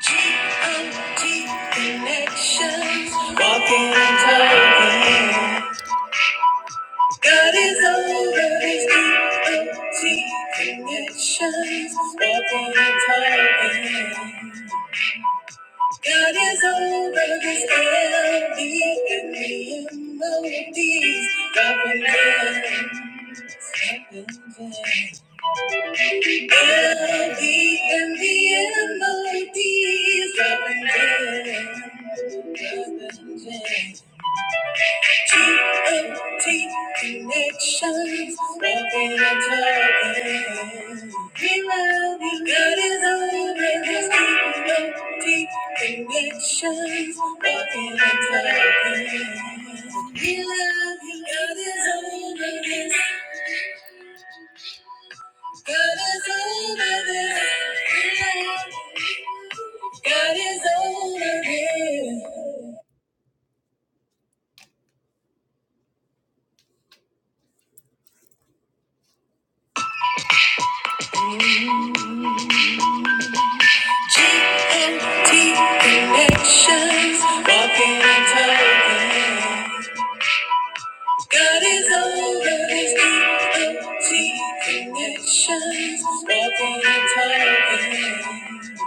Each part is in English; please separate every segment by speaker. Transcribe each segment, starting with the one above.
Speaker 1: G-O-D connections. Walking and talking. God is over these G-O-D connections. Walking and talking. God is over this LD and me and melodies. Dropping gems. Melody and the melodies of the G-O-T connections making a talking. We love you. God is over this G-O-T connections making a token. We love you. God is over this. God is over this. We love you. God is over here. GMT connections, walking and talking. God is over these GMT connections, walking and talking.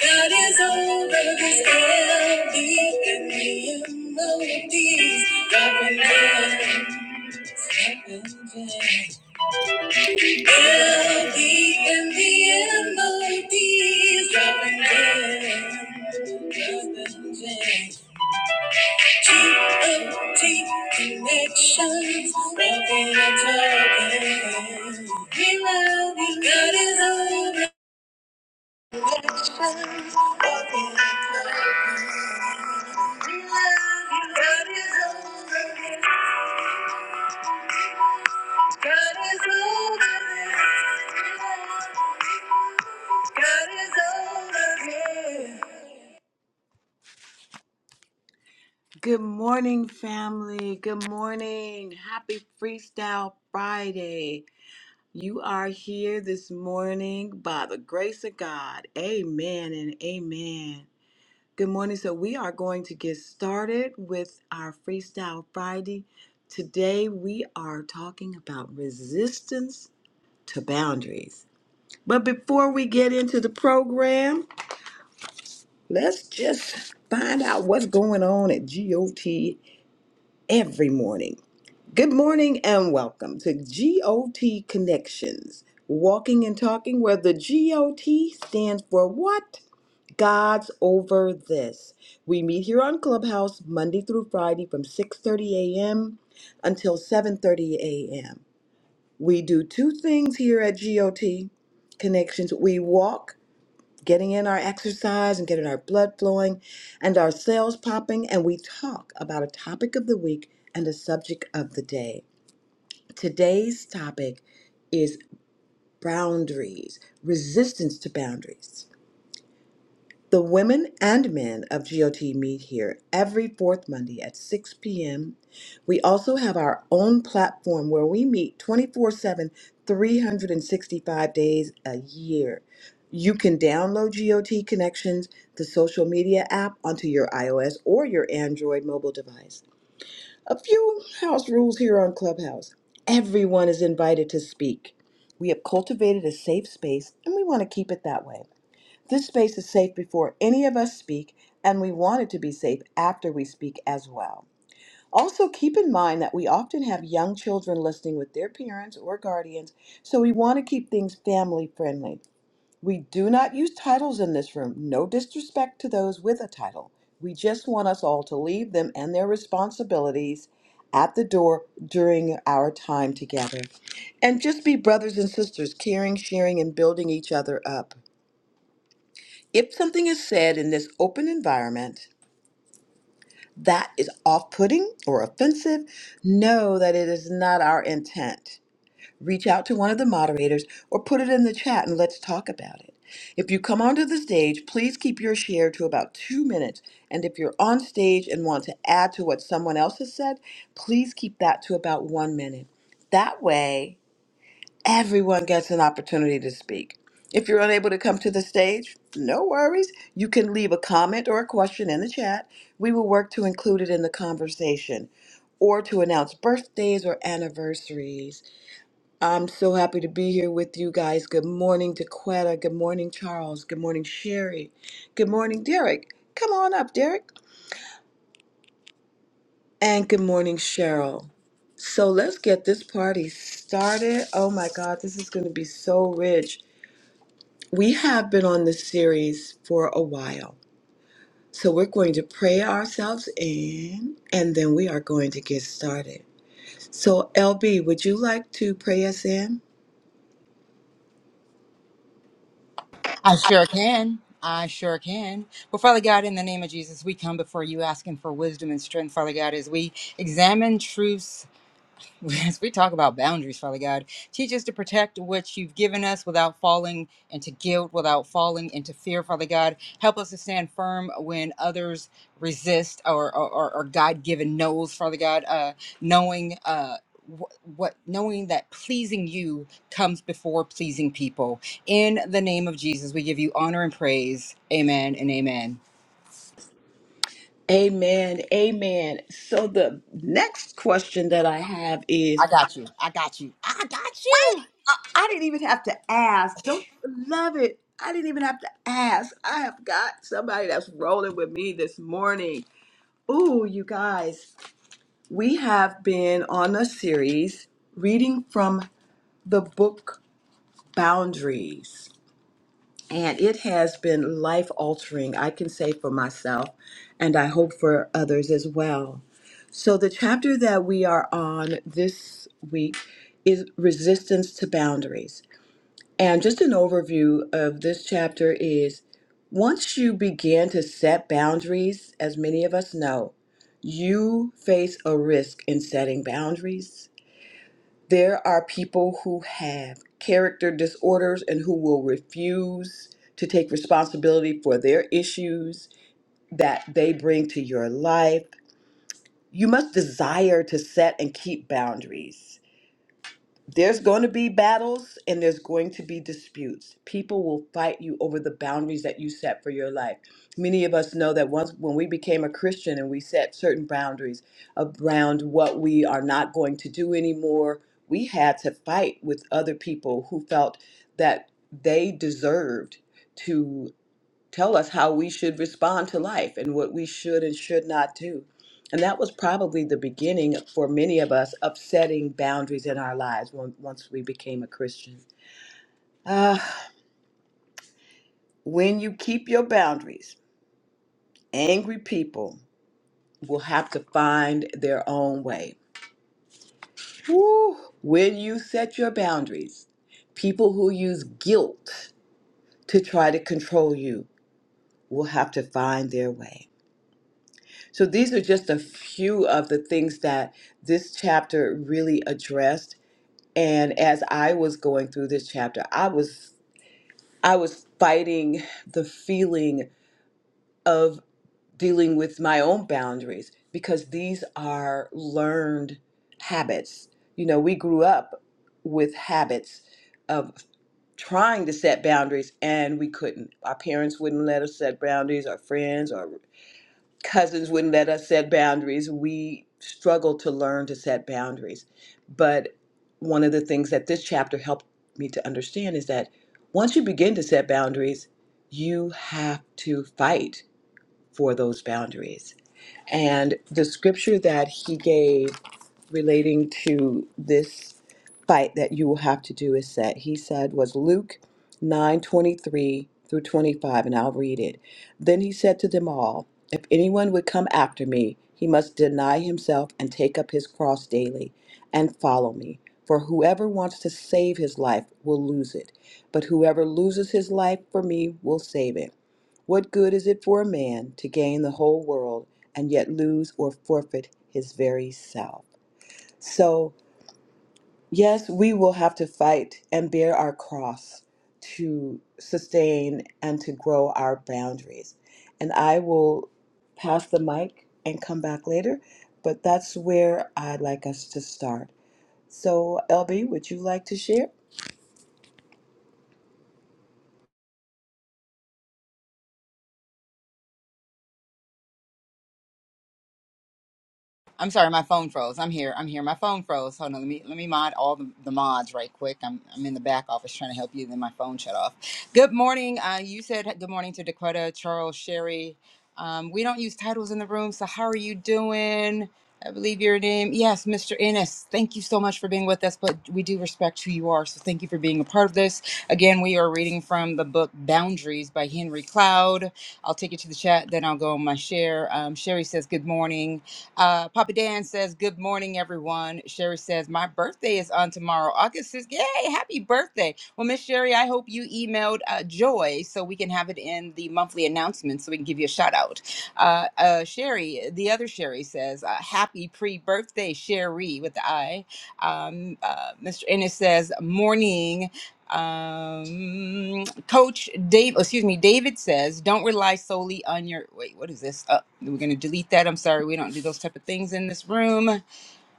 Speaker 1: God is over this LB and the melodies, dropping gems, dropping gems. Melody and the melodies of an end. G-O-T connections of an token. We love you. God is over. Connections of an token. We love you. God is over. God is over. this. God is over. here. Good morning, family. Good morning. Happy Freestyle Friday. You are here this morning by the grace of God. Amen and amen. Good morning. So, we are going to get started with our Freestyle Friday. Today, we are talking about resistance to boundaries. But before we get into the program, let's just find out what's going on at GOT every morning. Good morning and welcome to GOT Connections, walking and talking where the GOT stands for what? God's over this. We meet here on Clubhouse Monday through Friday from 6:30 a.m. until 7:30 a.m. We do two things here at GOT Connections. We walk, getting in our exercise and getting our blood flowing and our cells popping and we talk about a topic of the week and a subject of the day. Today's topic is boundaries, resistance to boundaries. The women and men of GOT meet here every fourth Monday at 6 p.m. We also have our own platform where we meet 24 7, 365 days a year. You can download GOT Connections, the social media app, onto your iOS or your Android mobile device. A few house rules here on Clubhouse. Everyone is invited to speak. We have cultivated a safe space and we want to keep it that way. This space is safe before any of us speak, and we want it to be safe after we speak as well. Also, keep in mind that we often have young children listening with their parents or guardians, so we want to keep things family friendly. We do not use titles in this room. No disrespect to those with a title. We just want us all to leave them and their responsibilities at the door during our time together. And just be brothers and sisters, caring, sharing, and building each other up. If something is said in this open environment that is off putting or offensive, know that it is not our intent. reach out to one of the moderators or put it in the chat and let's talk about it. If you come onto the stage, please keep your share to about two minutes. And if you're on stage and want to add to what someone else has said, please keep that to about one minute. That way, everyone gets an opportunity to speak. If you're unable to come to the stage, no worries. You can leave a comment or a question in the chat. We will work to include it in the conversation or to announce birthdays or anniversaries I'm so happy to be here with you guys. Good morning, Daquetta. Good morning, Charles. Good morning, Sherry. Good morning, Derek. Come on up, Derek. And good morning, Cheryl. So let's get this party started. Oh my God, this is going to be so rich. We have been on this series for a while. So we're going to pray ourselves in and then we are going to get started. So, LB, would you like to pray us in?
Speaker 2: I sure can. I sure can. Well, Father God, in the name of Jesus, we come before you asking for wisdom and strength, Father God, as we examine truths as we talk about boundaries, Father God, teach us to protect what you've given us without falling into guilt, without falling into fear, Father God. Help us to stand firm when others resist or, or, or God given knows, Father God, uh, knowing. Uh, wh- what knowing that pleasing you comes before pleasing people in the name of jesus we give you honor and praise amen and amen
Speaker 1: Amen. Amen. So the next question that I have is
Speaker 2: i got you i got you i got you
Speaker 1: wait, I I didn't even have to ask. Don't you love it? I didn't even have to ask. I have got somebody that's rolling with me this morning. Ooh, you guys, we have been on a series reading from the book Boundaries, and it has been life altering, I can say for myself, and I hope for others as well. So, the chapter that we are on this week is resistance to boundaries. And just an overview of this chapter is once you begin to set boundaries, as many of us know, you face a risk in setting boundaries. There are people who have character disorders and who will refuse to take responsibility for their issues that they bring to your life you must desire to set and keep boundaries. There's going to be battles and there's going to be disputes. People will fight you over the boundaries that you set for your life. Many of us know that once when we became a Christian and we set certain boundaries around what we are not going to do anymore, we had to fight with other people who felt that they deserved to tell us how we should respond to life and what we should and should not do. And that was probably the beginning for many of us of setting boundaries in our lives when, once we became a Christian. Ah, when you keep your boundaries, angry people will have to find their own way. Woo. When you set your boundaries, people who use guilt to try to control you will have to find their way. So these are just a few of the things that this chapter really addressed. And as I was going through this chapter, I was I was fighting the feeling of dealing with my own boundaries because these are learned habits. You know, we grew up with habits of trying to set boundaries and we couldn't. Our parents wouldn't let us set boundaries, our friends, or cousins wouldn't let us set boundaries. We struggled to learn to set boundaries. But one of the things that this chapter helped me to understand is that once you begin to set boundaries, you have to fight for those boundaries. And the scripture that he gave relating to this fight that you will have to do is set. He said was Luke 9:23 through 25 and I'll read it. Then he said to them all, if anyone would come after me, he must deny himself and take up his cross daily and follow me. For whoever wants to save his life will lose it, but whoever loses his life for me will save it. What good is it for a man to gain the whole world and yet lose or forfeit his very self? So, yes, we will have to fight and bear our cross to sustain and to grow our boundaries. And I will pass the mic and come back later, but that's where I'd like us to start. So, LB, would you like to share?
Speaker 2: I'm sorry, my phone froze. I'm here. I'm here. My phone froze. Hold on. Let me let me mod all the, the mods right quick. I'm I'm in the back office trying to help you. Then my phone shut off. Good morning. Uh, you said good morning to Dakota, Charles, Sherry. Um, we don't use titles in the room, so how are you doing? I believe your name. Yes, Mr. Ennis. Thank you so much for being with us, but we do respect who you are. So thank you for being a part of this. Again, we are reading from the book Boundaries by Henry Cloud. I'll take it to the chat, then I'll go on my share. Um, Sherry says, Good morning. Uh, Papa Dan says, Good morning, everyone. Sherry says, My birthday is on tomorrow. August says, Yay, happy birthday. Well, Miss Sherry, I hope you emailed uh, Joy so we can have it in the monthly announcement so we can give you a shout out. Uh, uh, Sherry, the other Sherry says, uh, Happy pre birthday, Sherry, with the I. Um, uh, Mr. Ennis says, Morning. Um, Coach Dave, excuse me, David says, don't rely solely on your. Wait, what is this? Uh, we're gonna delete that. I'm sorry, we don't do those type of things in this room.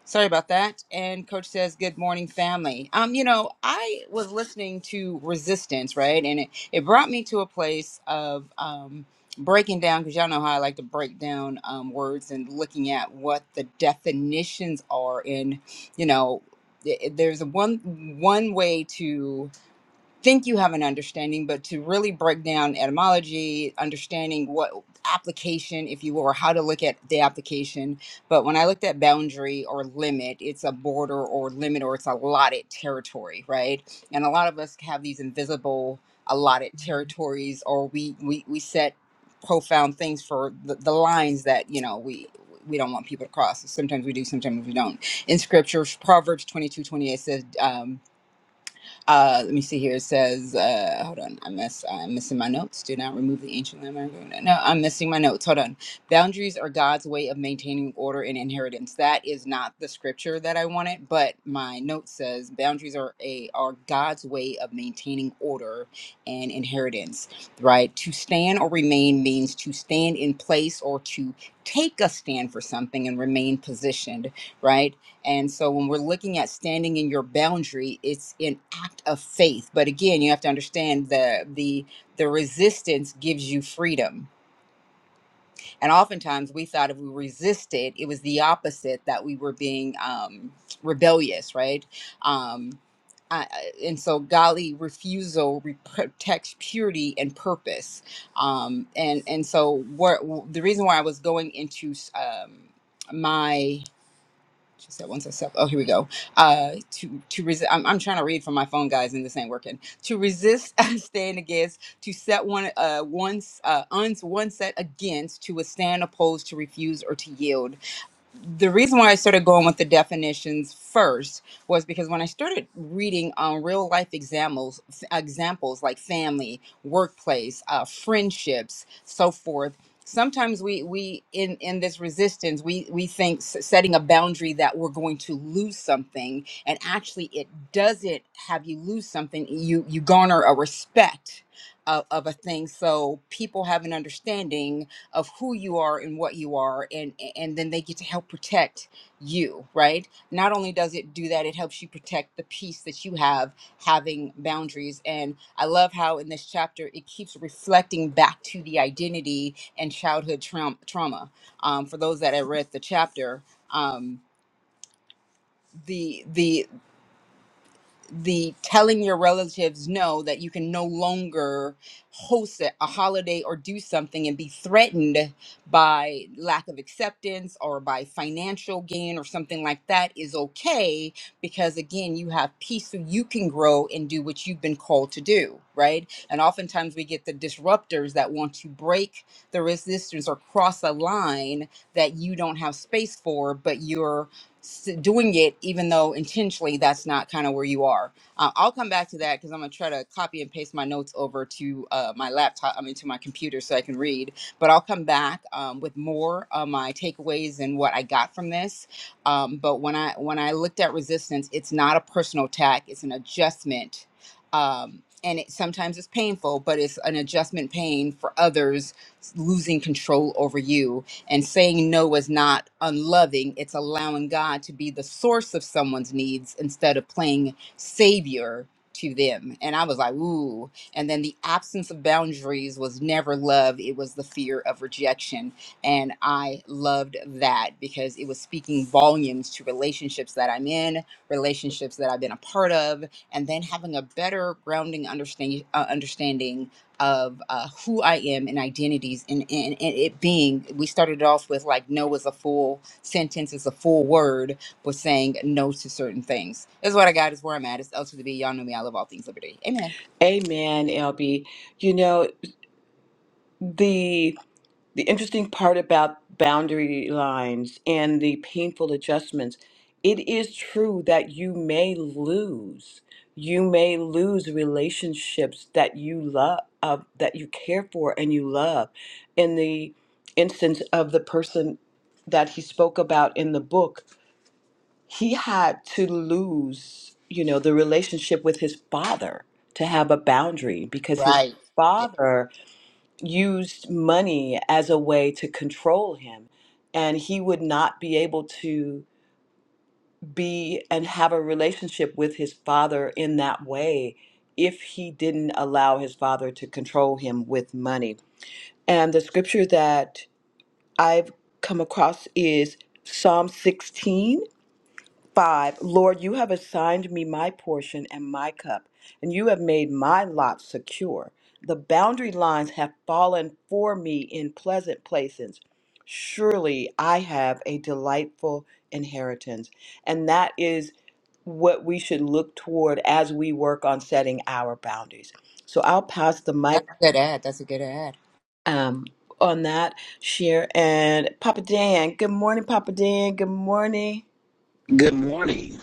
Speaker 2: Sorry about that. And Coach says, good morning, family. Um, you know, I was listening to Resistance, right, and it it brought me to a place of um breaking down because y'all know how I like to break down um words and looking at what the definitions are in, you know. th- There's a one one way to think you have an understanding, but to really break down etymology, understanding what application, if you will, or how to look at the application. But when I looked at boundary or limit, it's a border or limit or it's allotted territory, right? And a lot of us have these invisible allotted territories or we we, we set profound things for the, the lines that, you know, we we don't want people to cross. Sometimes we do, sometimes we don't. In scriptures, Proverbs 22 28 says, um, uh, let me see here. It says, uh, hold on, I miss, I'm missing my notes. Do not remove the ancient landmark. No, I'm missing my notes. Hold on. Boundaries are God's way of maintaining order and inheritance. That is not the scripture that I wanted, but my note says boundaries are a are God's way of maintaining order and inheritance. Right? To stand or remain means to stand in place or to take a stand for something and remain positioned. Right? And so when we're looking at standing in your boundary, it's an act of faith. But again, you have to understand the the the resistance gives you freedom. And oftentimes we thought if we resisted, it was the opposite that we were being um, rebellious, right? Um, I, I- and so golly refusal re- protects purity and purpose um and and so what the reason why i was going into um my she said once I self oh here we go uh to to resist I'm, I'm trying to read from my phone guys and this ain't working to resist stand against to set one uh once uh uns one set against to withstand oppose, to refuse or to yield the reason why I started going with the definitions first was because when I started reading on real life examples, examples like family, workplace, uh, friendships, so forth. Sometimes we we in in this resistance we we think s- setting a boundary that we're going to lose something, and actually it doesn't have you lose something. You you garner a respect of, of a thing, so people have an understanding of who you are and what you are and and then they get to help protect you right not only does it do that it helps you protect the peace that you have having boundaries and i love how in this chapter it keeps reflecting back to the identity and childhood traum trauma um, for those that have read the chapter um, the the the telling your relatives no that you can no longer host a a holiday or do something and be threatened by lack of acceptance or by financial gain or something like that is okay because again you have peace so you can grow and do what you've been called to do right and oftentimes we get the disruptors that want to break the resistance or cross a line that you don't have space for but you're s- doing it even though intentionally that's not kind of where you are uh, i'll come back to that because i'm going to try to copy and paste my notes over to uh, my laptop i mean to my computer so i can read but i'll come back um, with more of my takeaways and what i got from this um, but when i when i looked at resistance it's not a personal attack it's an adjustment um, and it sometimes it's painful but it's an adjustment pain for others losing control over you and saying no is not unloving, it's allowing God to be the source of someone's needs instead of playing savior to them. And I was like, ooh. And then the absence of boundaries was never love, it was the fear of rejection. And I loved that because it was speaking volumes to relationships that I'm in, relationships that I've been a part of, and then having a better grounding understanding, uh, understanding of uh, who I am and identities and, and, and it being, we started off with like no is a full sentence, is a full word, but saying no to certain things. That's what I got, is where I'm at. It's L to the B. Y'all know me. I love all things liberty. Amen.
Speaker 1: Amen, LB. You know, the the interesting part about boundary lines and the painful adjustments, it is true that you may lose. You may lose relationships that you love, uh, that you care for and you love. In the instance of the person that he spoke about in the book, he had to lose, you know, the relationship with his father to have a boundary because his
Speaker 2: Right. Yeah.
Speaker 1: father used money as a way to control him. And he would not be able to be and have a relationship with his father in that way if he didn't allow his father to control him with money. And the scripture that I've come across is Psalm 16 5 Lord, you have assigned me my portion and my cup, and you have made my lot secure. The boundary lines have fallen for me in pleasant places. Surely I have a delightful inheritance. And that is what we should look toward as we work on setting our boundaries. So I'll pass the mic
Speaker 2: That's a good ad. That's a good ad.
Speaker 1: um, on that, share. And Papa Dan, good morning, Papa Dan. Good morning.
Speaker 3: Good morning.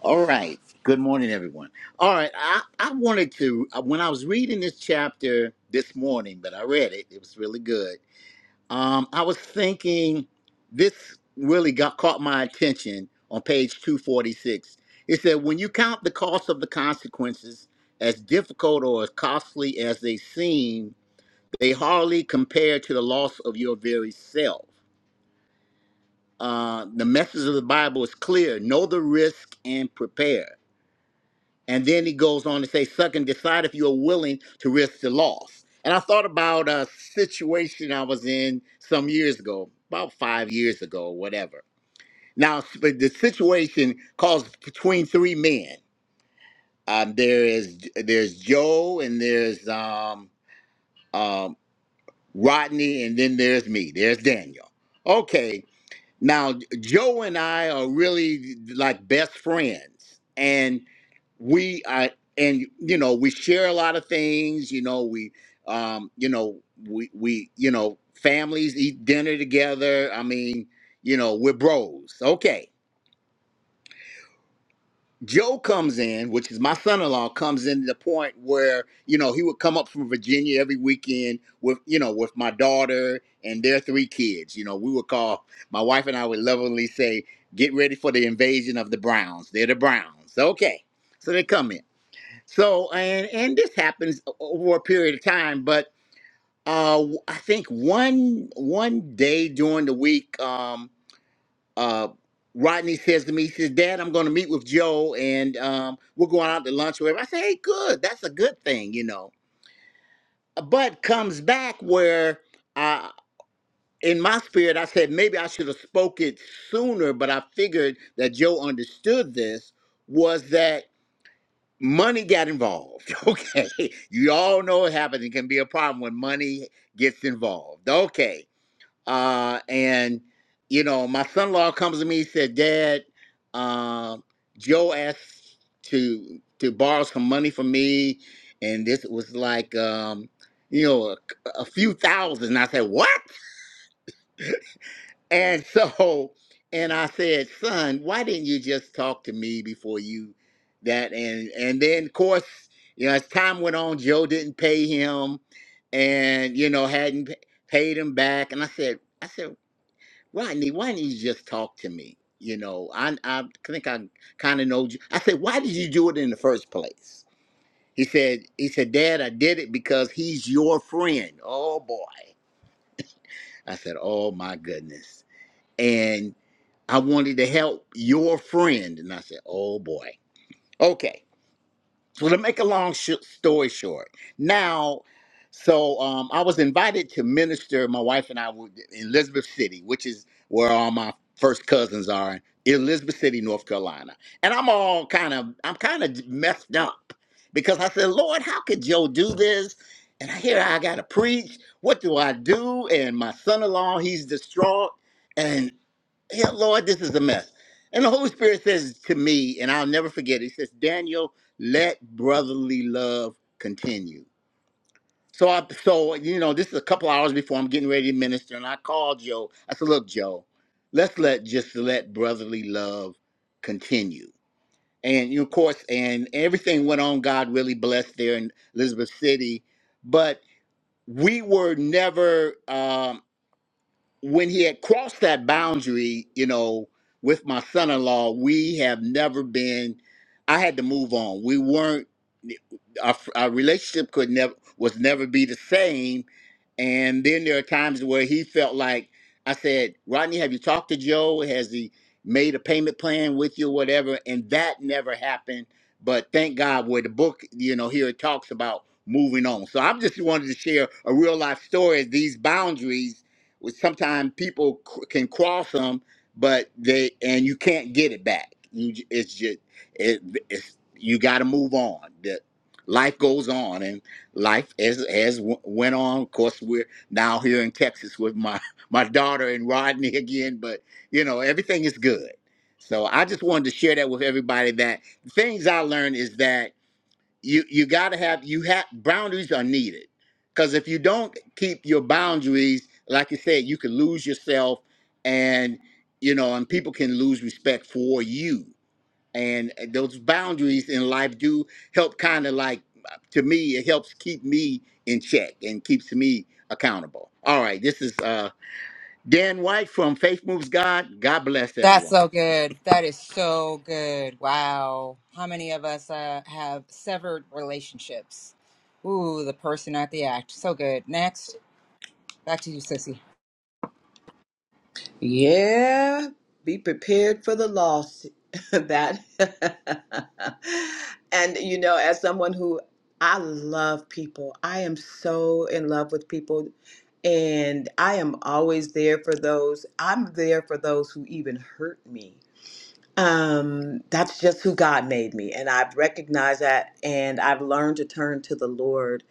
Speaker 3: All right. Good morning, everyone. All right. I, I wanted to, when I was reading this chapter this morning, but I read it, it was really good. Um, I was thinking this really got caught my attention on page 246. It said, when you count the cost of the consequences, as difficult or as costly as they seem, they hardly compare to the loss of your very self. Uh, the message of the Bible is clear know the risk and prepare. And then he goes on to say, "Suck and decide if you are willing to risk the loss. And I thought about a situation I was in some years ago, about five years ago, or whatever. Now, but the situation calls between three men. Um, there is there's Joe, and there's um, um, Rodney, and then there's me. There's Daniel. Okay, now, Joe and I are really like best friends, and we I and you know we share a lot of things. You know we, um, you know we we you know families eat dinner together. I mean, you know we're bros. Okay, Joe comes in, which is my son-in-law, comes in to the point where you know he would come up from Virginia every weekend with you know with my daughter and their three kids. You know, we would call my wife and I would lovingly say, "Get ready for the invasion of the Browns. They're the Browns." Okay, so they come in. So and and this happens o- over a period of time, but uh, I think one one day during the week. Um, uh, Rodney says to me, he says, Dad, I'm going to meet with Joe and um, we're going out to lunch or whatever. I say, hey, good. That's a good thing, you know. Uh, But comes back where I, in my spirit, I said, maybe I should have spoke it sooner, but I figured that Joe understood this was that money got involved. Okay. You all know what happens. It can be a problem when money gets involved. Okay. Uh, and you know, my son-in-law comes to me and said, "Dad, um, Joe asked to to borrow some money from me, and this was like, um, you know, a, a few thousand. And I said, "What?" And so, and I said, "Son, why didn't you just talk to me before you that?" And and then, of course, you know, as time went on, Joe didn't pay him, and you know, hadn't p- paid him back. And I said, "I said." Rodney, why didn't you just talk to me? You know, I I think I kind of know you. I said, why did you do it in the first place? He said, he said, Dad, I did it because he's your friend. Oh boy. I said, oh my goodness. And I wanted to help your friend. And I said, oh boy. Okay. So to make a long sh- story short, now, so um, I was invited to minister. My wife and I were in Elizabeth City, which is where all my first cousins are in Elizabeth City, North Carolina. And I'm all kind of, I'm kind of messed up because I said, Lord, how could Joe do this? And I hear I got to preach. What do I do? And my son-in-law, he's distraught yeah, Lord, this is a mess. And the Holy Spirit says to me, and I'll never forget, it says, Daniel, let brotherly love continue. So I so you know, this is a couple hours before I'm getting ready to minister, and I called Joe. I said, Look, Joe, let's let just let brotherly love continue. And you know, of course, and everything went on. God really blessed there in Elizabeth City. But we were never um when he had crossed that boundary, you know, with my son in law, we have never been, I had to move on. We weren't, our, our relationship could never, was never be the same. And then there are times where he felt like, I said, Rodney, have you talked to Joe? Has he made a payment plan with you or whatever? And that never happened. But thank God where the book, you know, here it talks about moving on. So I am just wanted to share a real life story of these boundaries which sometimes people c- can cross them, but they and you can't get it back. You j- it's just it, it's you got to move on. That life goes on, and life as as w- went on. Of course, we're now here in Texas with my my daughter and Rodney again, but you know everything is good. So I just wanted to share that with everybody. That things I learned is that you you got to have you have boundaries are needed because if you don't keep your boundaries like you said you can lose yourself and you know and people can lose respect for you and eh, those boundaries in life do help kind of like to me it helps keep me in check and keeps me accountable all right this is uh dan white from faith moves god god bless
Speaker 2: That's
Speaker 3: everyone
Speaker 2: so good. That is so good. Wow. How many of us uh, have severed relationships? Ooh, the person, not the act. So good. Next. Back to you, Sissy.
Speaker 1: Yeah, be prepared for the loss. that and you know, as someone who I love people, I am so in love with people, and I am always there for those. I'm there for those who even hurt me. Um, that's just who God made me, and I've recognized that, and I've learned to turn to the Lord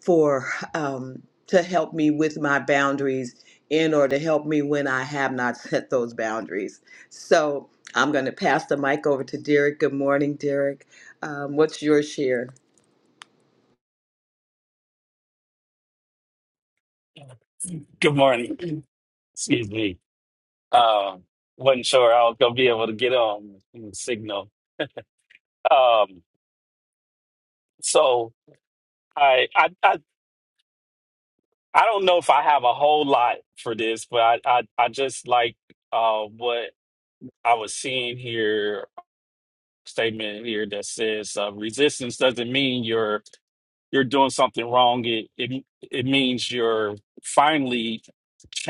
Speaker 1: for um, to help me with my boundaries in or to help me when I have not set those boundaries. So I'm going to pass the mic over to Derek. Good morning, Derek. Um, what's your share?
Speaker 4: Good morning. Excuse me. Um, wasn't sure I was gonna be able to get on the signal. Um, so I, I I I don't know if I have a whole lot for this, but I I, I just like uh what I was seeing here statement here that says uh, resistance doesn't mean you're you're doing something wrong. It it it means you're finally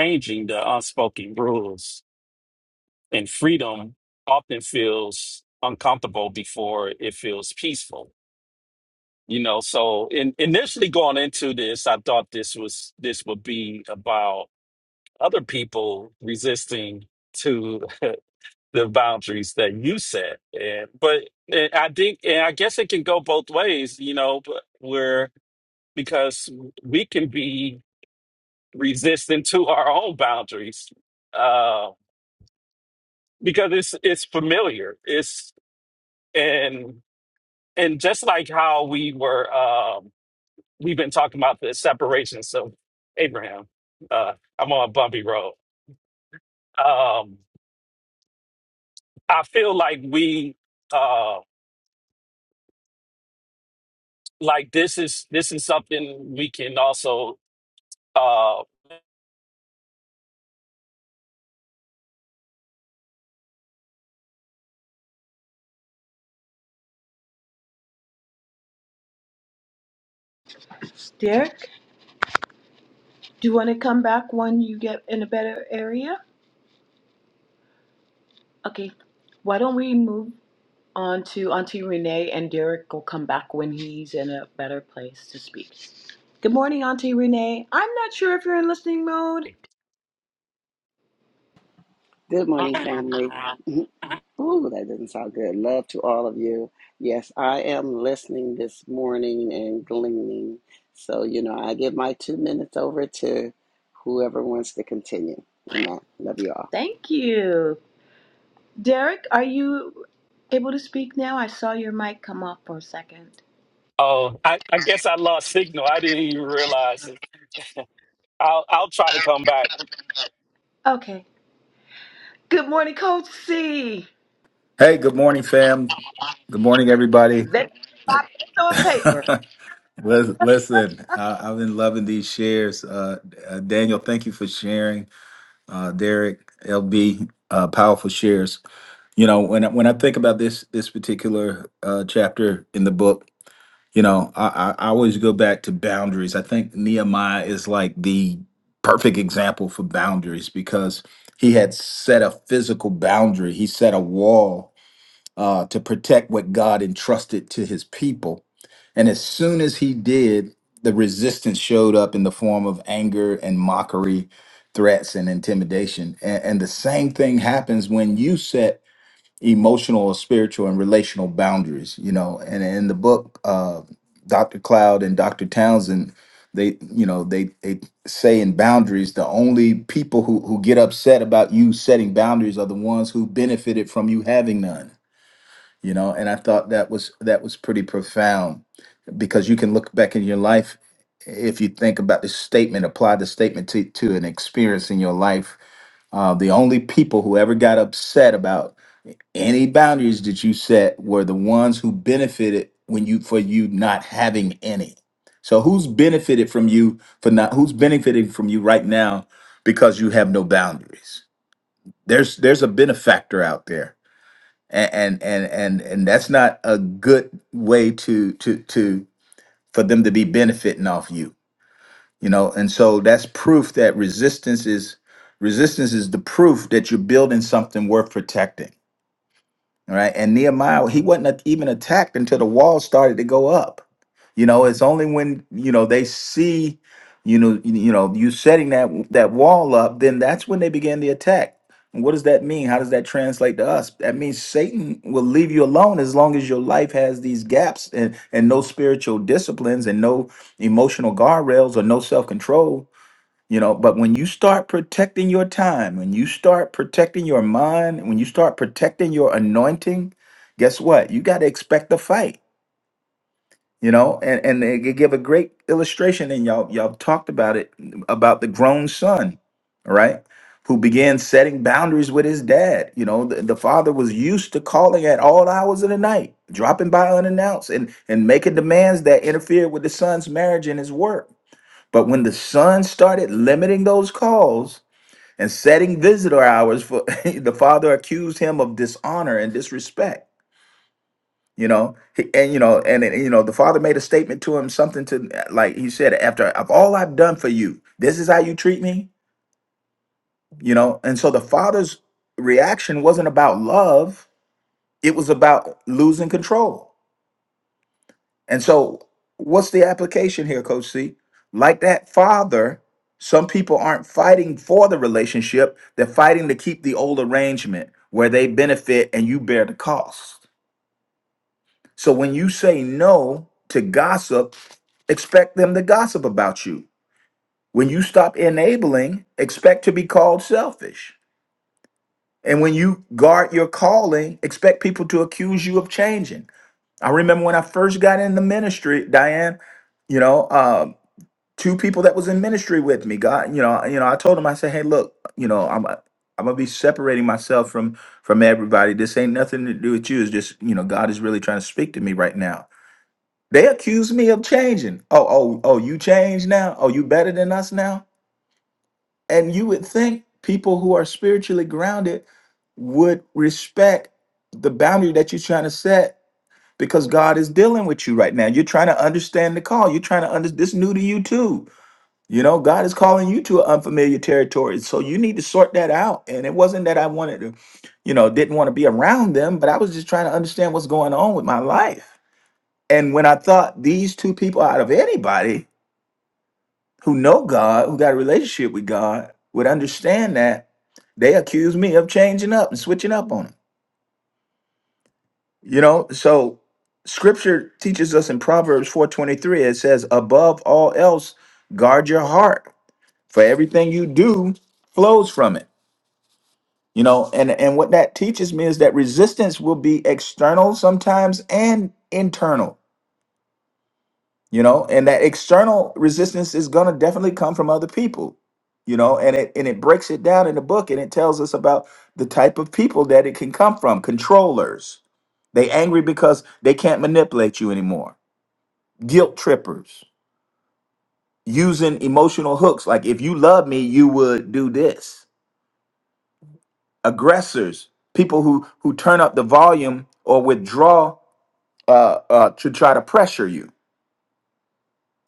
Speaker 4: changing the unspoken rules And freedom often feels uncomfortable before it feels peaceful. You know, so in, initially going into this, I thought this was this would be about other people resisting to the boundaries that you set. And but and I think and I guess it can go both ways, you know, but where because we can be resistant to our own boundaries. Uh because it's it's familiar. It's and and just like how we were um we've been talking about the separations of abraham uh i'm on a bumpy road um i feel like we uh like this is this is something we can also uh
Speaker 1: Derek, do you want to come back when you get in a better area? Okay. Why don't we move on to Auntie Renee and Derek will come back when he's in a better place to speak. Good morning, Auntie Renee. I'm not sure if you're in listening mode.
Speaker 5: Good morning, family. Mhm. Ooh, that doesn't sound good. Love to all of you. Yes, I am listening this morning and gleaning. So, you know, I give my two minutes over to whoever wants to continue. Amen. Love you all.
Speaker 1: Thank you. Derek, are you able to speak now? I saw your mic come off for a second.
Speaker 4: oh i, I guess i lost signal i didn't even realize it. i'll i'll try to come back
Speaker 1: Okay. Good morning, Coach C.
Speaker 6: Hey, good morning, fam. Good morning, everybody.
Speaker 1: Let's pop this on paper.
Speaker 6: Lis- Listen, I, I've been loving these shares. Uh, uh, Daniel, thank you for sharing. Uh, Derek, LB, uh, powerful shares. You know, when I, when I think about this this particular uh, chapter in the book, you know, I, I I always go back to boundaries. I think Nehemiah is like the perfect example for boundaries because he had set a physical boundary. He set a wall uh, to protect what God entrusted to his people. And as soon as he did, the resistance showed up in the form of anger and mockery, threats and intimidation. And, and the same thing happens when you set emotional or spiritual and relational boundaries, you know. And in the book, uh, Dr. Cloud and Dr. Townsend, they, you know, they, they say in boundaries, the only people who, who get upset about you setting boundaries are the ones who benefited from you having none you know and i thought that was that was pretty profound because you can look back in your life if you think about this statement apply the statement to, to an experience in your life uh, the only people who ever got upset about any boundaries that you set were the ones who benefited when you for you not having any so who's benefited from you for not who's benefiting from you right now because you have no boundaries there's there's a benefactor out there and and and and, and that's not a good way to to to for them to be benefiting off you you know and so that's proof that resistance is resistance is the proof that you're building something worth protecting all right. And Nehemiah, he wasn't at- even attacked until the wall started to go up. You know, it's only when, you know, they see, you know, you you know, you setting that that wall up, then that's when they began the attack. And what does that mean? How does that translate to us? That means Satan will leave you alone as long as your life has these gaps and and no spiritual disciplines and no emotional guardrails or no self-control you know, but when you start protecting your time, when you start protecting your mind, when you start protecting your anointing, guess what? You got to expect a fight. You know, and and they gi- give a great illustration, and y'all y'all talked about it about the grown son, all right, who began setting boundaries with his dad. You know, the, the father was used to calling at all hours of the night, dropping by unannounced, and and making demands that interfered with the son's marriage and his work. But when the son started limiting those calls, and setting visitor hours for the father accused him of dishonor and disrespect you know He- and you know and and, you know the father made a statement to him something to like he said after of all i've done for you this is how you treat me you know and so the father's reaction wasn't about love it was about losing control And so, what's the application here, Coach C? Like that father, some people aren't fighting for the relationship, they're fighting to keep the old arrangement where they benefit and you bear the cost. So, when you say no to gossip, expect them to gossip about you. When you stop enabling, expect to be called selfish. And when you guard your calling, expect people to accuse you of changing. I remember when I first got in the ministry, Diane, you know, um, two people that was in ministry with me. God, you know, you know, I told him, I said, hey, look, you know, I'm I'm gonna be separating myself from from everybody. This ain't nothing to do with you. It's just, you know, God is really trying to speak to me right now. They accuse me of changing. Oh, oh, oh, you changed now? Oh, you better than us now? And you would think people who are spiritually grounded would respect the boundary that you're trying to set because God is dealing with you right now. You're trying to understand the call. You're trying to understand this new to you too you know, God is calling you to unfamiliar territory. So you need to sort that out. And it wasn't that I wanted to, you know, didn't want to be around them, but I was just trying to understand what's going on with my life. And when I thought these two people out of anybody who know God, who got a relationship with God, would understand that, they accused me of changing up and switching up on them. You know, so scripture teaches us in Proverbs 4:23, it says, above all else, guard your heart, for everything you do flows from it. you know and and what that teaches me is that resistance will be external sometimes and internal you know and that external resistance is going to definitely come from other people you know and it and it breaks it down in the book and it tells us about the type of people that it can come from controllers they angry because they can't manipulate you anymore guilt trippers using emotional hooks like if you love me you would do this aggressors people who who turn up the volume or withdraw uh, uh, to try to pressure you.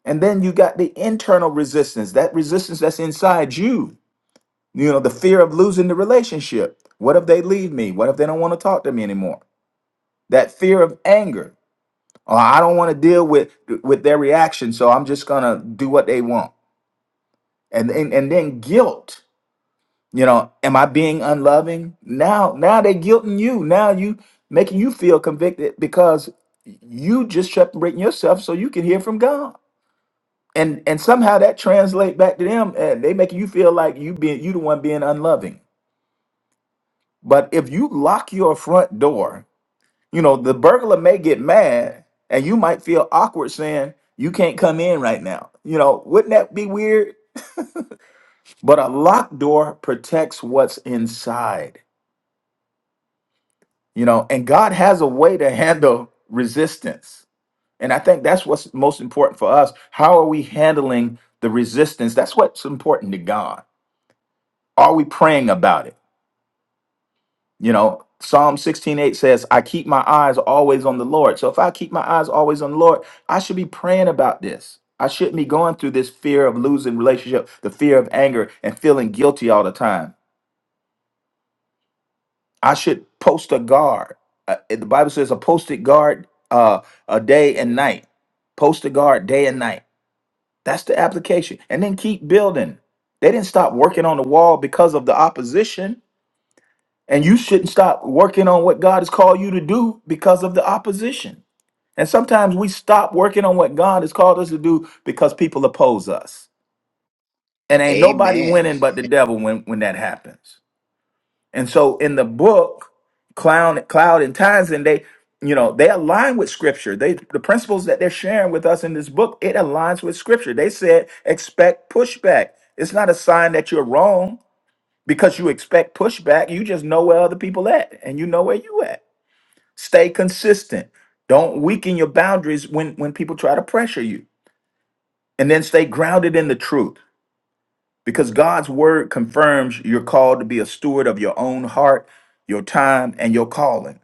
Speaker 6: And then you got the internal resistance, that resistance that's inside you, you know, the fear of losing the relationship. What if they leave me? What if they don't want to talk to me anymore? That fear of anger. Oh, I don't want to deal with with their reaction, so I'm just gonna do what they want. And and, and then guilt. You know, am I being unloving? Now, now they guilting you. Now you making you feel convicted because you just separating yourself so you can hear from God and and somehow that translate back to them and they make you feel like you being you the one being unloving but if you lock your front door you know the burglar may get mad and you might feel awkward saying you can't come in right now you know wouldn't that be weird but a locked door protects what's inside you know and god has a way to handle resistance and i think that's what's most important for us how are we handling the resistance that's what's important to god are we praying about it You know, Psalm 16:8 says, I keep my eyes always on the Lord. So if I keep my eyes always on the Lord, I should be praying about this. I shouldn't be going through this fear of losing relationship, the fear of anger, and feeling guilty all the time. I should post a guard. Uh, the Bible says a posted guard uh, a day and night. Post a guard day and night. That's the application. And then keep building. They didn't stop working on the wall because of the opposition And you shouldn't stop working on what God has called you to do because of the opposition. And sometimes we stop working on what God has called us to do because people oppose us. And ain't nobody
Speaker 3: amen
Speaker 6: winning but the devil when, when that happens. And so in the book, Clown, Cloud and Townsend, they, you know, they align with scripture. They the principles that they're sharing with us in this book, it aligns with scripture. They said expect pushback. It's not a sign that you're wrong because you expect pushback. You just know where other people at and you know where you at. Stay consistent. Don't weaken your boundaries when when people try to pressure you. And then stay grounded in the truth because God's word confirms you're called to be a steward of your own heart, your time, and your calling.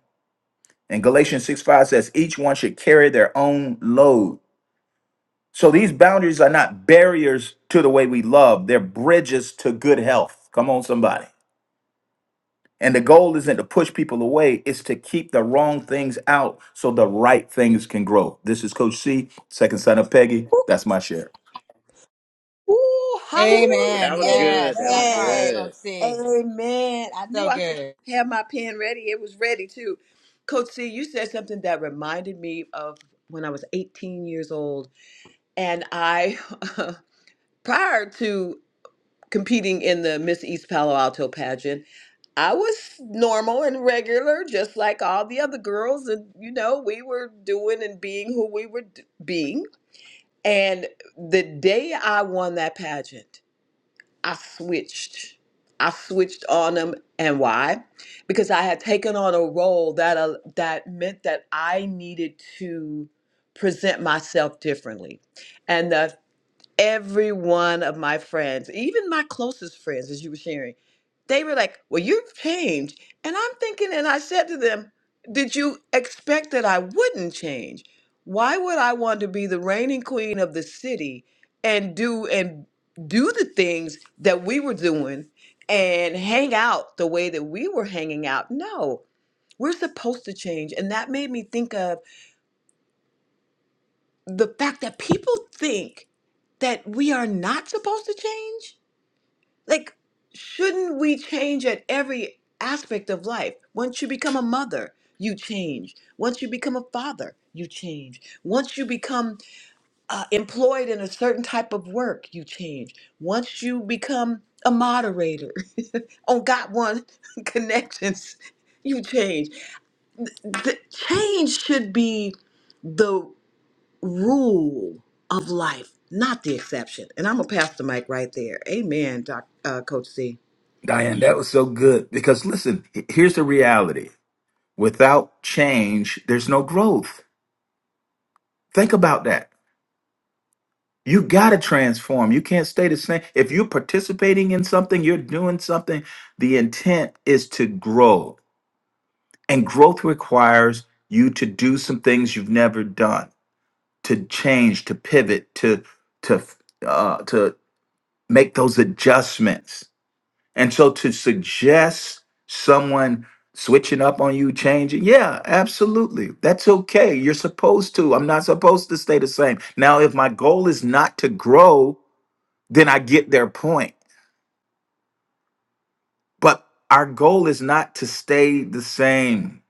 Speaker 6: And Galatians 6 5 says, each one should carry their own load. So these boundaries are not barriers to the way we love, they're bridges to good health. Come on, somebody. And the goal isn't to push people away, it's to keep the wrong things out so the right things can grow. This is Coach C, second son of Peggy. That's my share.
Speaker 1: Ooh,
Speaker 3: Woo,
Speaker 1: hallelujah.
Speaker 2: Amen.
Speaker 3: that was good
Speaker 2: Yes,
Speaker 3: that was
Speaker 2: that part,
Speaker 1: Amen.
Speaker 3: good
Speaker 2: Coach C.
Speaker 1: Amen. I knew
Speaker 2: So
Speaker 1: I should
Speaker 2: good.
Speaker 1: have my pen ready. It was ready too. Coach C, you said something that reminded me of when I was 18 years old. And I, prior to competing in the Miss East Palo Alto pageant, I was normal and regular, just like all the other girls. And, you know, we were doing and being who we were d- being. And the day I won that pageant, I switched. I switched on them. And why? Because I had taken on a role that, uh, that meant that I needed to present myself differently. And that every one of my friends, even my closest friends, as you were sharing, they were like, Well, you've changed. And I'm thinking, and I said to them, Did you expect that I wouldn't change? Why would I want to be the reigning queen of the city and do and do the things that we were doing and hang out the way that we were hanging out? No, we're supposed to change. And that made me think of the fact that people think that we are not supposed to change Like, shouldn't we change at every aspect of life? Once you become a mother, you change. Once you become a father, you change. Once you become uh, employed in a certain type of work, you change. Once you become a moderator on Got One Connections, you change. The change should be the rule of life, not the exception. And I'm going to pass the mic right there. Amen, Doc, uh, Coach C.
Speaker 6: Diane, that was so good because listen, h- here's the reality without change, there's no growth. Think about that. You got to transform. You can't stay the same. If you're participating in something, you're doing something, the intent is to grow. And growth requires you to do some things you've never done. to change, to pivot, to to uh, to make those adjustments. And so to suggest someone switching up on you, changing, yeah, absolutely. That's okay. You're supposed to. I'm not supposed to stay the same. Now, if my goal is not to grow, then I get their point. But our goal is not to stay the same.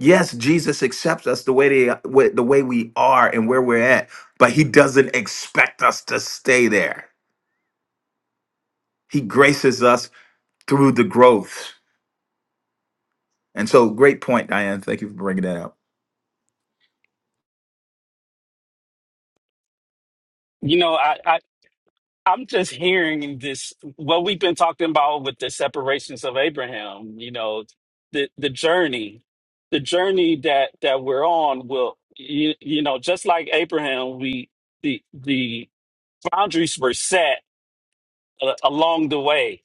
Speaker 6: Yes, Jesus accepts us the way they, the way we are and where we're at, but he doesn't expect us to stay there. He graces us through the growth. And so, great point, Diane. Thank you for bringing that up.
Speaker 4: you know i I I'm just hearing this what we've been talking about with the separations of Abraham, you know, the the journey, the journey that that we're on will you, you know, just like Abraham, we the the boundaries were set uh, along the way.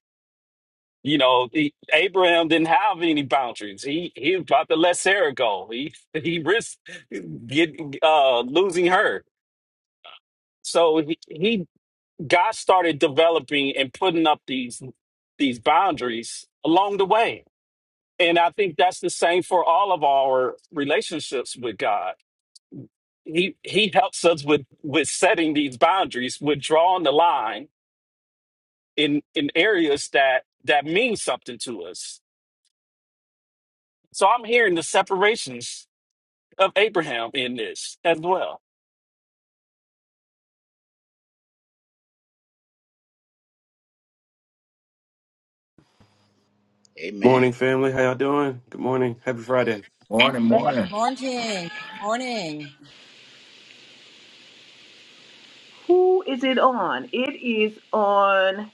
Speaker 4: You know, the, Abraham didn't have any boundaries. He he was about to let Sarah go. He he risked get uh losing her. So he, he God started developing and putting up these these boundaries along the way. And I think that's the same for all of our relationships with God. He he helps us with with setting these boundaries, with drawing the line in in areas that that mean something to us. So I'm hearing the separations of Abraham in this as well.
Speaker 7: Morning,
Speaker 3: amen
Speaker 7: family. How y'all doing? Good morning. Happy Friday.
Speaker 6: Morning, morning.
Speaker 2: Morning. Morning.
Speaker 1: Who is it on? It is on.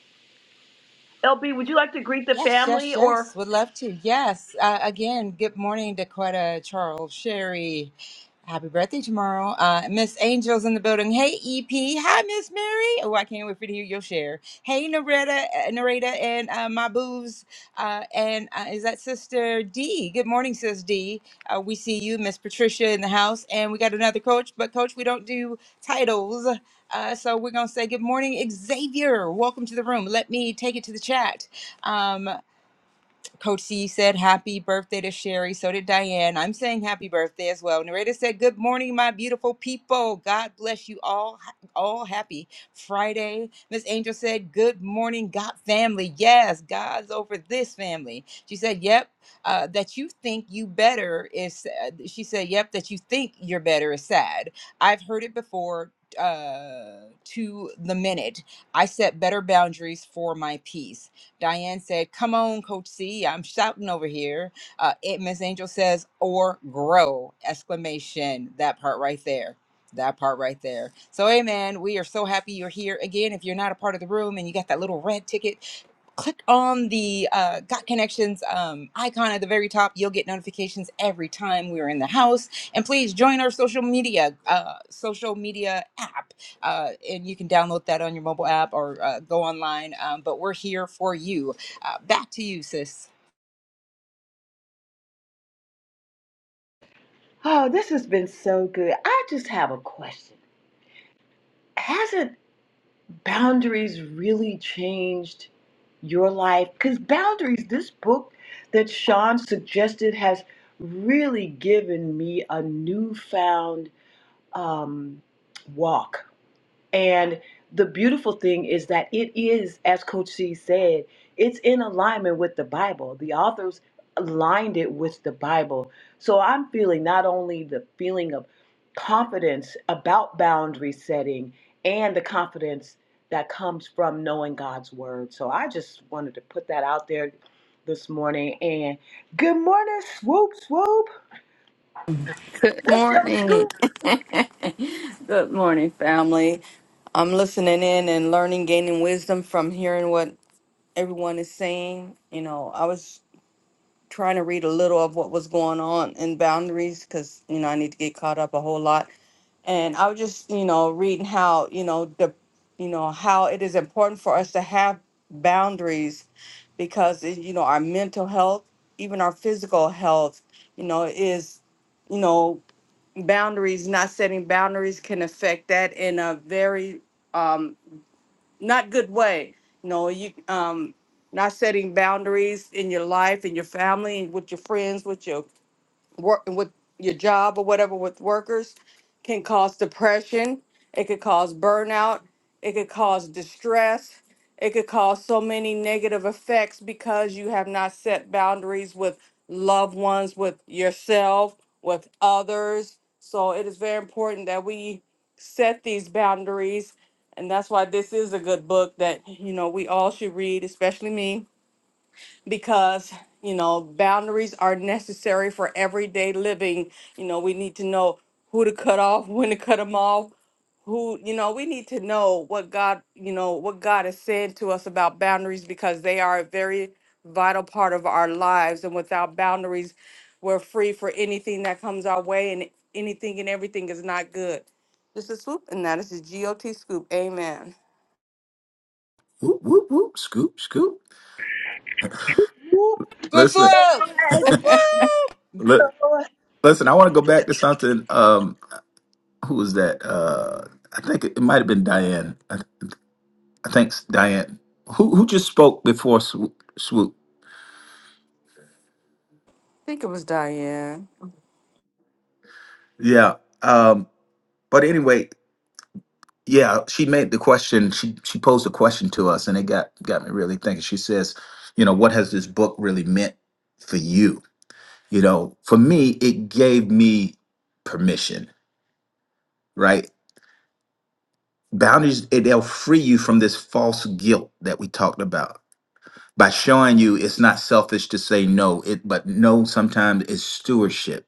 Speaker 1: LB, would you like to greet the
Speaker 2: Yes, yes,
Speaker 1: family or?
Speaker 2: yes. Would love to. Yes. Uh, again, good morning, Dakota, Charles, Sherry. Happy birthday tomorrow. Uh, Miss Angel's in the building. Hey, EP. Hi, Miss Mary. Oh, I can't wait for you to hear your share. Hey, Narita, uh, Narita and uh, my booze. Uh, and uh, is that Sister D? Good morning, Sis D. Uh, we see you, Miss Patricia, in the house. And we got another coach, but coach, we don't do titles. Uh, so we're going to say good morning, Xavier. Welcome to the room. Let me take it to the chat. Um, Coach C said happy birthday to Sherry. So did Diane. I'm saying happy birthday as well. Narrator said, Good morning, my beautiful people. God bless you all. All happy Friday. Miss Angel said, Good morning, God family. Yes, God's over this family. She said, Yep. Uh, that you think you better is sad. She said, Yep, that you think you're better is sad. I've heard it before uh to the minute. I set better boundaries for my peace. Diane said, Come on, Coach C, I'm shouting over here. Uh, it, Miss Angel says, Or grow! Exclamation. That part right there. That part right there. So, amen. We are so happy you're here. Again, if you're not a part of the room and you got that little red ticket, click on the uh, Got Connections um, icon at the very top. You'll get notifications every time we're in the house. And please join our social media uh, social media app, uh, and you can download that on your mobile app or uh, go online. Um, but we're here for you. Uh, back to you, sis.
Speaker 1: Oh, this has been so good. I just have a question. Hasn't boundaries really changed your life? Because boundaries, this book that Sean suggested, has really given me a newfound um, walk And the beautiful thing is that it is, as Coach C said, it's in alignment with the Bible. The authors aligned it with the Bible. So I'm feeling not only the feeling of confidence about boundary setting and the confidence that comes from knowing God's word. So I just wanted to put that out there this morning. And good morning, swoop, swoop.
Speaker 8: Good
Speaker 1: That's your
Speaker 8: morning.
Speaker 1: scoop,
Speaker 8: Good morning, family. I'm listening in and learning, gaining wisdom from hearing what everyone is saying. You know, I was trying to read a little of what was going on in boundaries because, you know, I need to get caught up a whole lot. And I was just, you know, reading how, you know, the, you know, how it is important for us to have boundaries because, it, you know, our mental health, even our physical health, you know, is, you know, boundaries, not setting boundaries can affect that in a very um, not good way. You know, you um, not setting boundaries in your life, in your family, with your friends, with your work with your job or whatever with workers can cause depression. It could cause burnout. It could cause distress. It could cause so many negative effects because you have not set boundaries with loved ones, with yourself, with others. So it is very important that we set these boundaries. And that's why this is a good book that, you know, we all should read, especially me because you know boundaries are necessary for everyday living you know we need to know who to cut off when to cut them off who you know we need to know what god you know what god has said to us about boundaries because they are a very vital part of our lives and without boundaries we're free for anything that comes our way and anything and everything is not good this is swoop and that is the got scoop amen
Speaker 6: Whoop, whoop, whoop. Scoop, scoop.
Speaker 2: Flip, flip,
Speaker 6: Listen,
Speaker 2: flip,
Speaker 1: bad
Speaker 2: flip.
Speaker 6: look,
Speaker 1: boy.
Speaker 6: listen. I want to go back to something. Um, who was that? Uh, I think it, it might have been Diane. I, I think it's Diane. Who who just spoke before swoop? swoop?
Speaker 8: i think it was diane
Speaker 6: Yeah. Um, but anyway, yeah, she made the question. She she posed a question to us, and it got got me really thinking. She says, you know, what has this book really meant for you? you know for me it gave me permission right boundaries it- they'll free you from this false guilt that we talked about by showing you it's not selfish to say no it but no sometimes is stewardship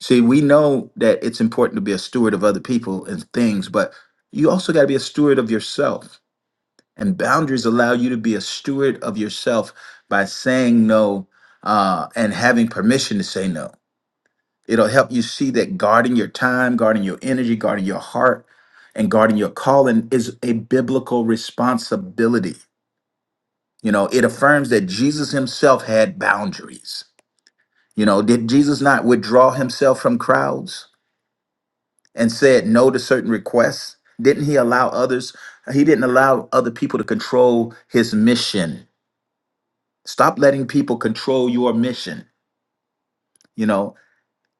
Speaker 6: see we know that it's important to be a steward of other people and things but you also got to be a steward of yourself and boundaries allow you to be a steward of yourself by saying no uh, and having permission to say no It'll help you see that guarding your time, guarding your energy, guarding your heart, and guarding your calling is a biblical responsibility. You know, it affirms that Jesus himself had boundaries. You know, did Jesus not withdraw himself from crowds and said no to certain requests? Didn't he allow others? He didn't allow other people to control his mission. Stop letting people control your mission. You know,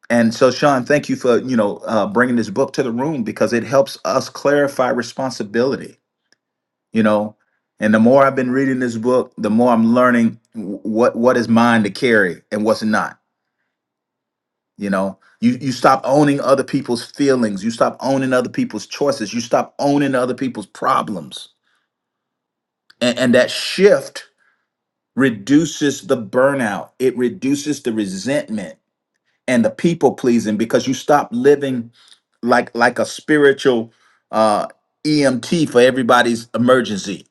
Speaker 6: And so, Sean, thank you for you know uh, bringing this book to the room because it helps us clarify responsibility. You know, and the more I've been reading this book, the more I'm learning wh- what what is mine to carry and what's not. You know, you you stop owning other people's feelings, you stop owning other people's choices, you stop owning other people's problems, and, and that shift reduces the burnout. It reduces the resentment and the people pleasing because you stop living like like a spiritual uh EMT for everybody's emergency.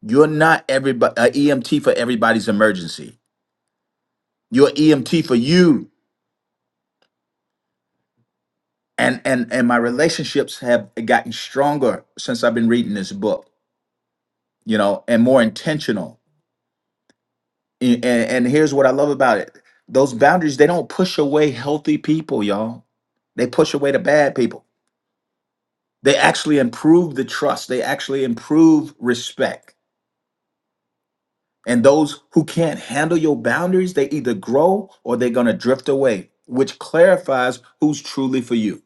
Speaker 6: You're not everybody uh, EMT for everybody's emergency. You're EMT for you. And and and my relationships have gotten stronger since I've been reading this book, you know, and more intentional. A- And, and here's what I love about it. Those boundaries, they don't push away healthy people, y'all. They push away the bad people. They actually improve the trust, they actually improve respect. And those who can't handle your boundaries, they either grow or they're going to drift away, which clarifies who's truly for you.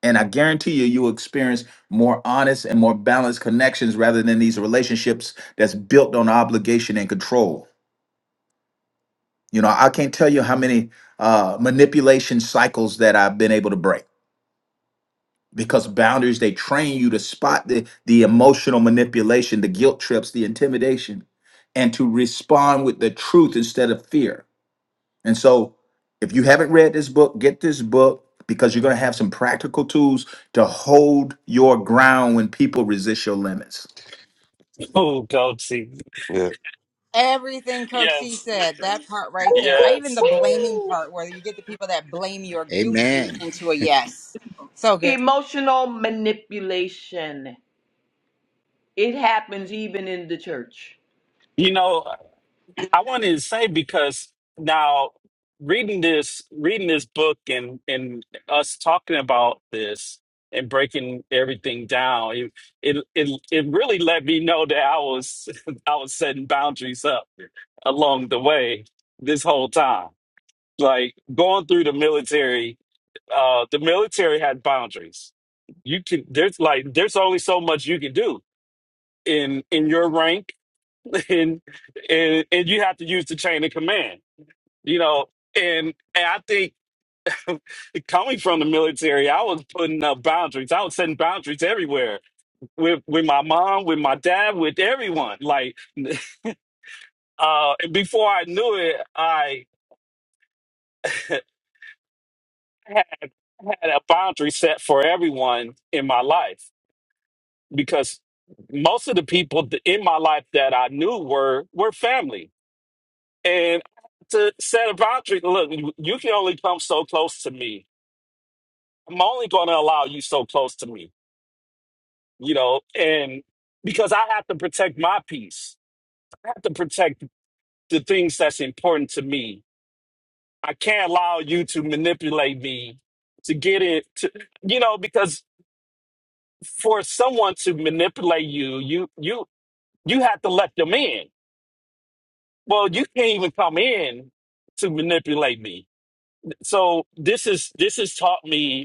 Speaker 6: And I guarantee you, you'll experience more honest and more balanced connections rather than these relationships that's built on obligation and control. You know, I can't tell you how many uh, manipulation cycles that I've been able to break because boundaries they train you to spot the the emotional manipulation the guilt trips the intimidation and to respond with the truth instead of fear and so if you haven't read this book get this book because you're going to have some practical tools to hold your ground when people resist your limits
Speaker 4: Oh, God, see.
Speaker 7: Yeah,
Speaker 2: Everything Coach C
Speaker 4: Yes.
Speaker 2: said, that part right there. I even the
Speaker 4: Yes.
Speaker 2: blaming part where you get the people that blame you or guilt you
Speaker 3: amen
Speaker 2: into a yes. So good.
Speaker 1: Emotional manipulation. It happens even in the church.
Speaker 4: You know, I wanted to say because now reading this reading this book and and us talking about this and breaking everything down it it it, it really let me know that I was I was setting boundaries up along the way this whole time like going through the military uh the military had boundaries you can there's like there's only so much you can do in in your rank and and, and you have to use the chain of command you know and, and i think coming from the military i was putting up boundaries i was setting boundaries everywhere with with my mom with my dad with everyone like uh before i knew it i had a boundary set for everyone in my life because most of the people th- in my life that i knew were were family and I had to set a boundary look you you can only come so close to me i'm only going to allow you so close to me you know, and because I have to protect my peace, I have to protect the things that's important to me. I can't allow you to manipulate me to get it to, you know, because for someone to manipulate you, you, you, you have to let them in. Well, you can't even come in to manipulate me. So this is, this has taught me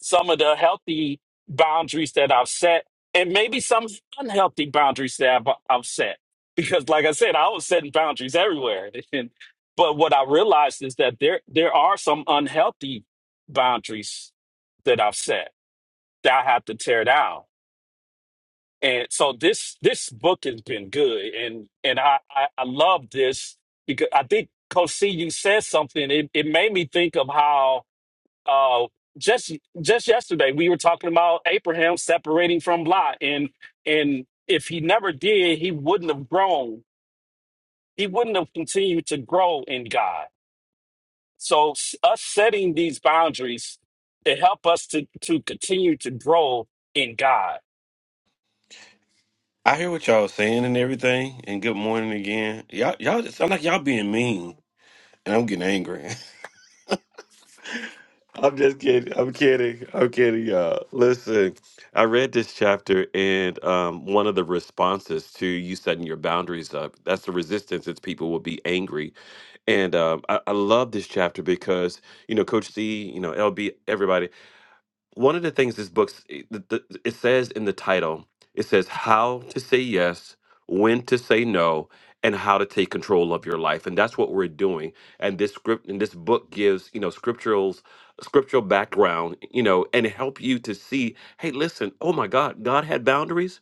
Speaker 4: some of the healthy boundaries that I've set, and maybe some unhealthy boundaries that I've, I've set. Because, like I said, I was setting boundaries everywhere. And, but what I realized is that there there are some unhealthy boundaries that I've set that I have to tear down. And so this this book has been good, and and I I, I love this because I think Coach C, you said something. It it made me think of how uh, just just yesterday we were talking about Abraham separating from Lot, and and if he never did, he wouldn't have grown. He wouldn't have continued to grow in God. So s- us setting these boundaries to help us to to continue to grow in God.
Speaker 7: I hear what y'all saying and everything. And good morning again. Y'all, y'all it sound like y'all being mean, and I'm getting angry. I'm just kidding. I'm kidding. I'm kidding, y'all. Listen, I read this chapter, and um, one of the responses to you setting your boundaries up—that's the resistance. It's people will be angry, and um, I, I love this chapter because you know, Coach C, you know, LB, everybody. one of the things this book s- it the- the- it says in the title it says how to say yes when to say no and how to take control of your life and that's what we're doing and this script and this book gives you know scriptural scriptural background you know and help you to see hey listen oh my god god had boundaries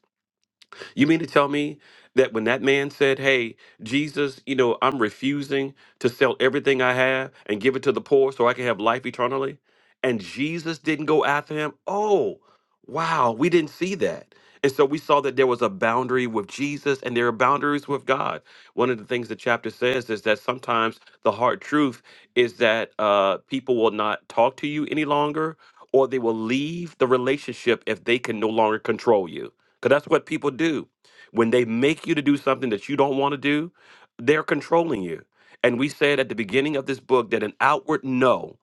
Speaker 7: you mean to tell me that when that man said, Hey, Jesus, you know, I'm refusing to sell everything I have and give it to the poor so I can have life eternally? And Jesus didn't go after him? Oh, wow, we didn't see that. And so we saw that there was a boundary with Jesus and there are boundaries with God. One of the things the chapter says is that sometimes the hard truth is that uh, people will not talk to you any longer or they will leave the relationship if they can no longer control you because that's what people do. When they make you to do something that you don't want to do, they're controlling you. And we said at the beginning of this book that an outward no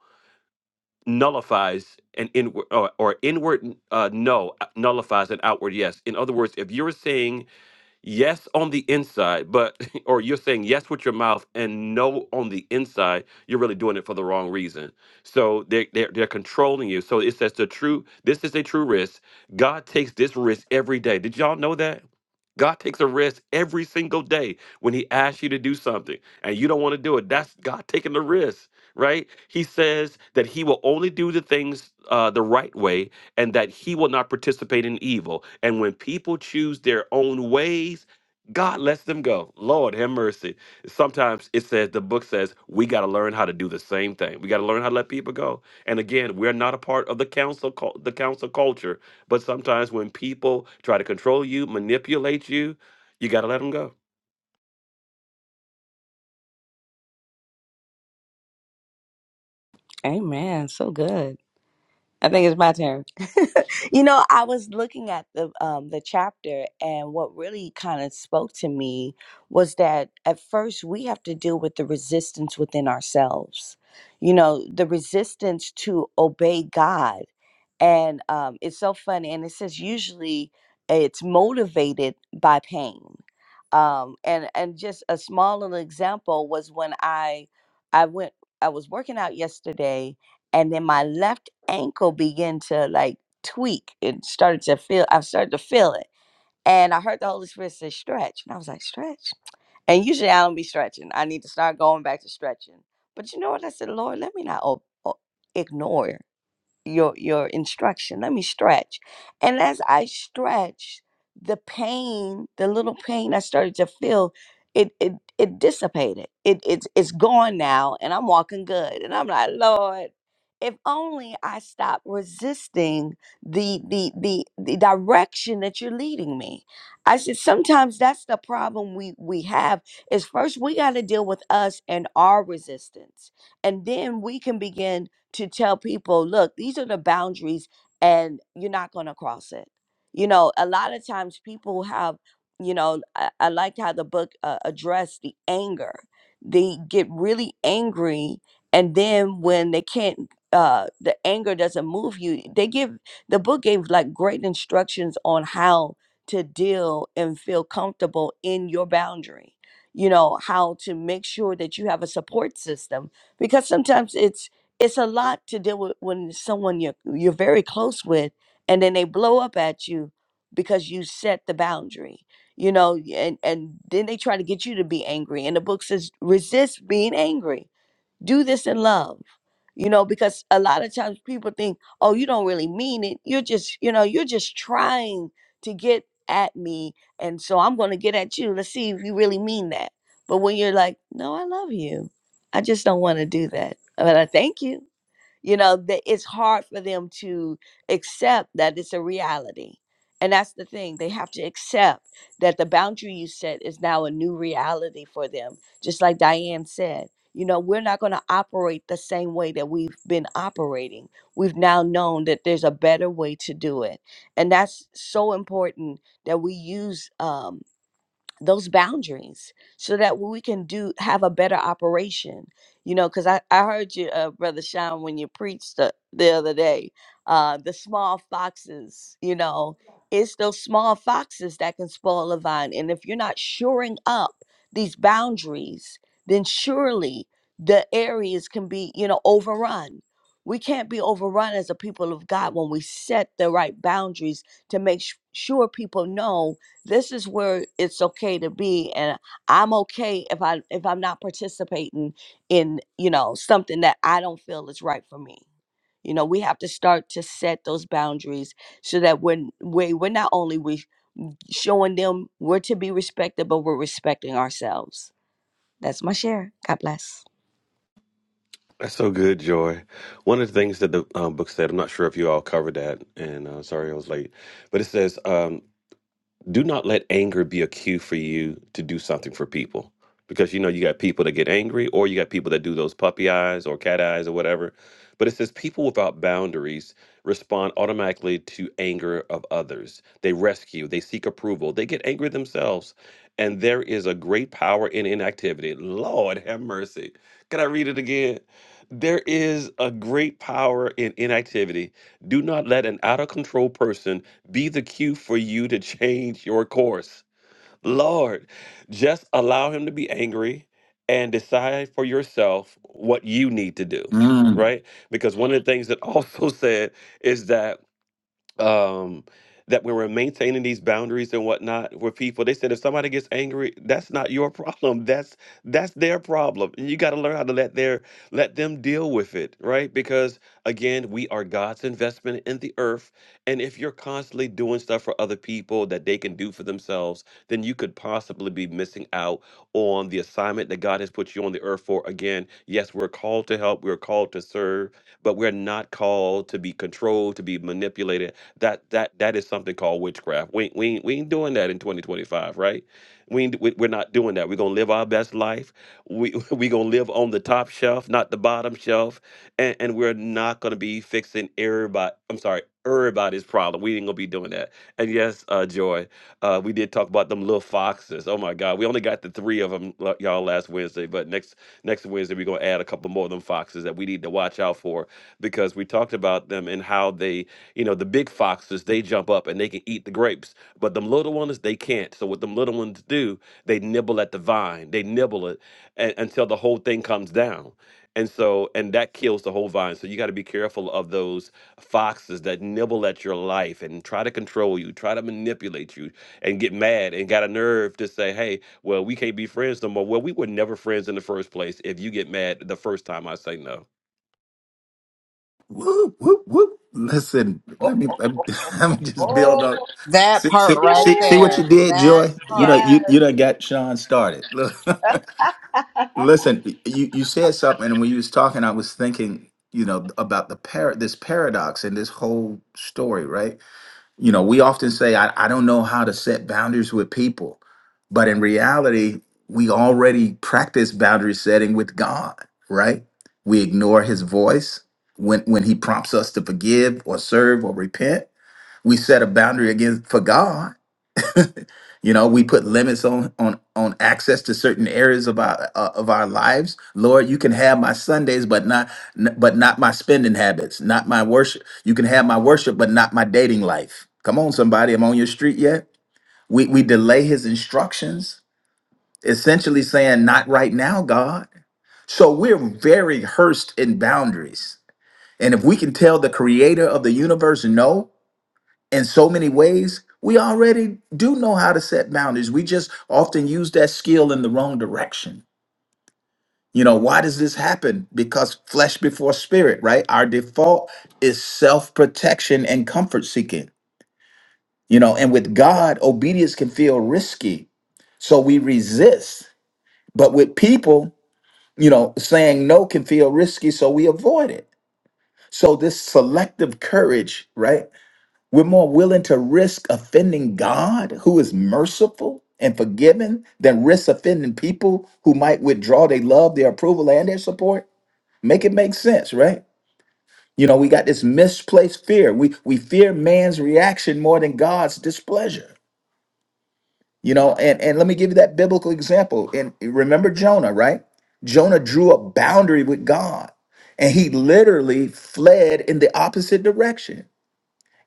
Speaker 7: nullifies an inward or, or inward uh, no uh, nullifies an outward yes. In other words, if you're saying yes on the inside, but or you're saying yes with your mouth and no on the inside, you're really doing it for the wrong reason. So they they're, they're controlling you. So it says the true. This is a true risk. God takes this risk every day. Did y'all know that? God takes a risk every single day when He asks you to do something and you don't want to do it. That's God taking the risk, right? He says that He will only do the things uh, the right way and that He will not participate in evil. And when people choose their own ways, God lets them go. Lord, have mercy. Sometimes it says, the book says, we got to learn how to do the same thing. We got to learn how to let people go. And again, we're not a part of the council, cul- the council culture but sometimes when people try to control you, manipulate you, you got to let them go.
Speaker 9: Amen. So good. I think it's my turn. You know, I was looking at the um the chapter and what really kind of spoke to me was that at first we have to deal with the resistance within ourselves. You know, the resistance to obey God. And um it's so funny and it says usually it's motivated by pain. Um and and just a small little example was when I I went I was working out yesterday and then my left ankle began to like tweak and started to feel I started to feel it. And I heard the Holy Spirit say stretch. And I was like, stretch. And usually I don't be stretching. I need to start going back to stretching. But you know what? I said, Lord, let me not o- o- ignore your your instruction let me stretch and as i stretched the pain the little pain i started to feel it it it dissipated it it's it's gone now and i'm walking good and i'm like lord if only i stop resisting the the the, the direction that you're leading me i said sometimes that's the problem we we have is first we got to deal with us and our resistance and then we can begin to tell people, look, these are the boundaries and you're not going to cross it. You know, a lot of times people have, you know, I, I like how the book uh, addressed the anger. They get really angry and then when they can't uh the anger doesn't move you they give the book gave like great instructions on how to deal and feel comfortable in your boundary you know how to make sure that you have a support system because sometimes it's it's a lot to deal with when someone you're you're very close with and then they blow up at you because you set the boundary you know y- and and then they try to get you to be angry and the book says resist being angry do this in love you know because a lot of times people think oh you don't really mean it you're just you know you're just trying to get at me and so i'm going to get at you let's see if you really mean that but when you're like no i love you i just don't want to do that but i thank you you know that it's hard for them to accept that it's a reality and that's the thing they have to accept that the boundary you set is now a new reality for them just like diane said you know we're not going to operate the same way that we've been operating we've now known that there's a better way to do it and that's so important that we use um, those boundaries so that we can do have a better operation you know because I, I heard you uh, brother sean when you preached the, the other day uh the small foxes you know it's those small foxes that can spoil a vine and if you're not shoring up these boundaries then surely the areas can be you know overrun we can't be overrun as a people of god when we set the right boundaries to make sh- sure people know this is where it's okay to be and i'm okay if i if i'm not participating in you know something that i don't feel is right for me you know we have to start to set those boundaries so that when we we're not only we showing them we're to be respected but we're respecting ourselves that's my share god bless
Speaker 7: That's so good, Joy. One of the things that the um, book said, I'm not sure if you all covered that, and uh, sorry I was late, but it says um, do not let anger be a cue for you to do something for people because you know you got people that get angry or you got people that do those puppy eyes or cat eyes or whatever but it says people without boundaries respond automatically to anger of others they rescue they seek approval they get angry themselves and there is a great power in inactivity lord have mercy can i read it again there is a great power in inactivity do not let an out of control person be the cue for you to change your course. Lord, just allow him to be angry and decide for yourself what you need to do,
Speaker 6: Mm.
Speaker 7: right? Because one of the things that also said is that um that we were maintaining these boundaries and whatnot with people they said if somebody gets angry that's not your problem that's that's their problem and you got to learn how to let their let them deal with it right because again we are god's investment in the earth and if you're constantly doing stuff for other people that they can do for themselves then you could possibly be missing out on the assignment that god has put you on the earth for again yes we're called to help we're called to serve but we're not called to be controlled to be manipulated that that that is something called witchcraft. We ain't- we ain't- we ain't doing that in 2025, right? We, ain't, we we're not doing that. We're gonna live our best life. We we gonna live on the top shelf, not the bottom shelf, and and we're not gonna be fixing everybody. I'm sorry, everybody's problem. We ain't gonna be doing that. And yes, uh, Joy, uh, we did talk about them little foxes. Oh my God, we only got the three of them, y'all, last Wednesday. But next next Wednesday, we're gonna add a couple more of them foxes that we need to watch out for because we talked about them and how they you know, the big foxes, they jump up and they can eat the grapes, but them little ones, they can't. So what them little ones do, they nibble at the vine, they nibble it a- until the whole thing comes down. And so, and that kills the whole vine. So you got to be careful of those foxes that nibble at your life and try to control you, try to manipulate you, and get mad and got a nerve to say, hey, well, we can't be friends no more. Well, we were never friends in the first place if you get mad the first time I say no.
Speaker 6: Whoop, whoop, whoop. listen let me let me, let me just build up
Speaker 2: That
Speaker 6: See,
Speaker 2: part
Speaker 6: see,
Speaker 2: right
Speaker 6: see, see what you
Speaker 2: there.
Speaker 6: did,
Speaker 2: That
Speaker 6: Joy. You know,
Speaker 2: part.
Speaker 6: you you done got Sean started. Look. Listen, y- you you said something, and when you was talking, I was thinking, you know, about the par this paradox and this whole story, right? You know, we often say, I, I don't know how to set boundaries with people, but in reality, we already practice boundary setting with God, right? We ignore his voice when when he prompts us to forgive or serve or repent. We set a boundary against for God you know, we put limits on on on access to certain areas of our uh, of our lives. Lord, you can have my Sundays, but not n- but not my spending habits, not my worship. You can have my worship, but not my dating life. Come on, somebody, I'm on your street yet. We we delay His instructions, essentially saying, "Not right now, God." So we're very hearsed in boundaries. And if we can tell the creator of the universe no, in so many ways, we already do know how to set boundaries. We just often use that skill in the wrong direction. You know, why does this happen? Because flesh before spirit, right? Our default is self protection and comfort seeking. You know, and with God, obedience can feel risky. So we resist. But with people, you know, saying no can feel risky. So we avoid it. So this selective courage, right? We're more willing to risk offending God, who is merciful and forgiving, than risk offending people who might withdraw their love, their approval, and their support. Make it make sense, right? You know, we got this misplaced fear. We we fear man's reaction more than God's displeasure. You know, and, and let me give you that biblical example. And remember Jonah, right? Jonah drew a boundary with God and he literally fled in the opposite direction.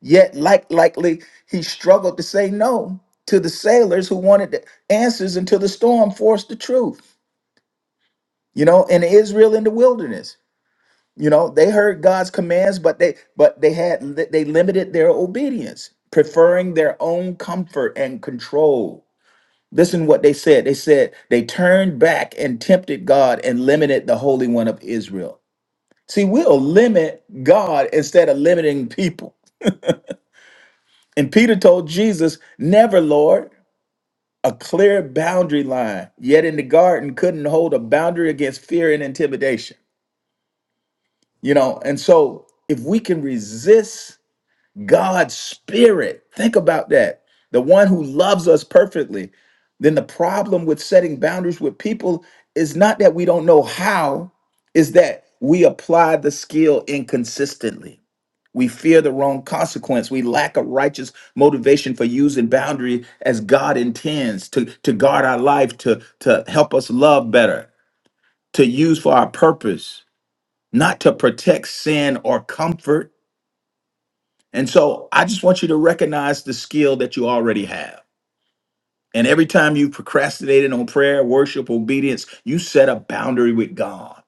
Speaker 6: Yet, like likely, he struggled to say no to the sailors who wanted the answers until the storm forced the truth. You know, in Israel in the wilderness, you know, they heard God's commands, but they but they had they limited their obedience, preferring their own comfort and control. Listen what they said. They said they turned back and tempted God and limited the Holy One of Israel. See, we'll limit God instead of limiting people. And Peter told Jesus, Never, Lord. a clear boundary line, yet in the garden couldn't hold a boundary against fear and intimidation. You know, and so if we can resist God's spirit, think about that the one who loves us perfectly, then the problem with setting boundaries with people is not that we don't know how, is that we apply the skill inconsistently. We fear the wrong consequence. We lack a righteous motivation for using boundary as God intends to, to guard our life, to, to help us love better, to use for our purpose, not to protect sin or comfort. And so I just want you to recognize the skill that you already have. And every time you procrastinated on prayer, worship, obedience, you set a boundary with God.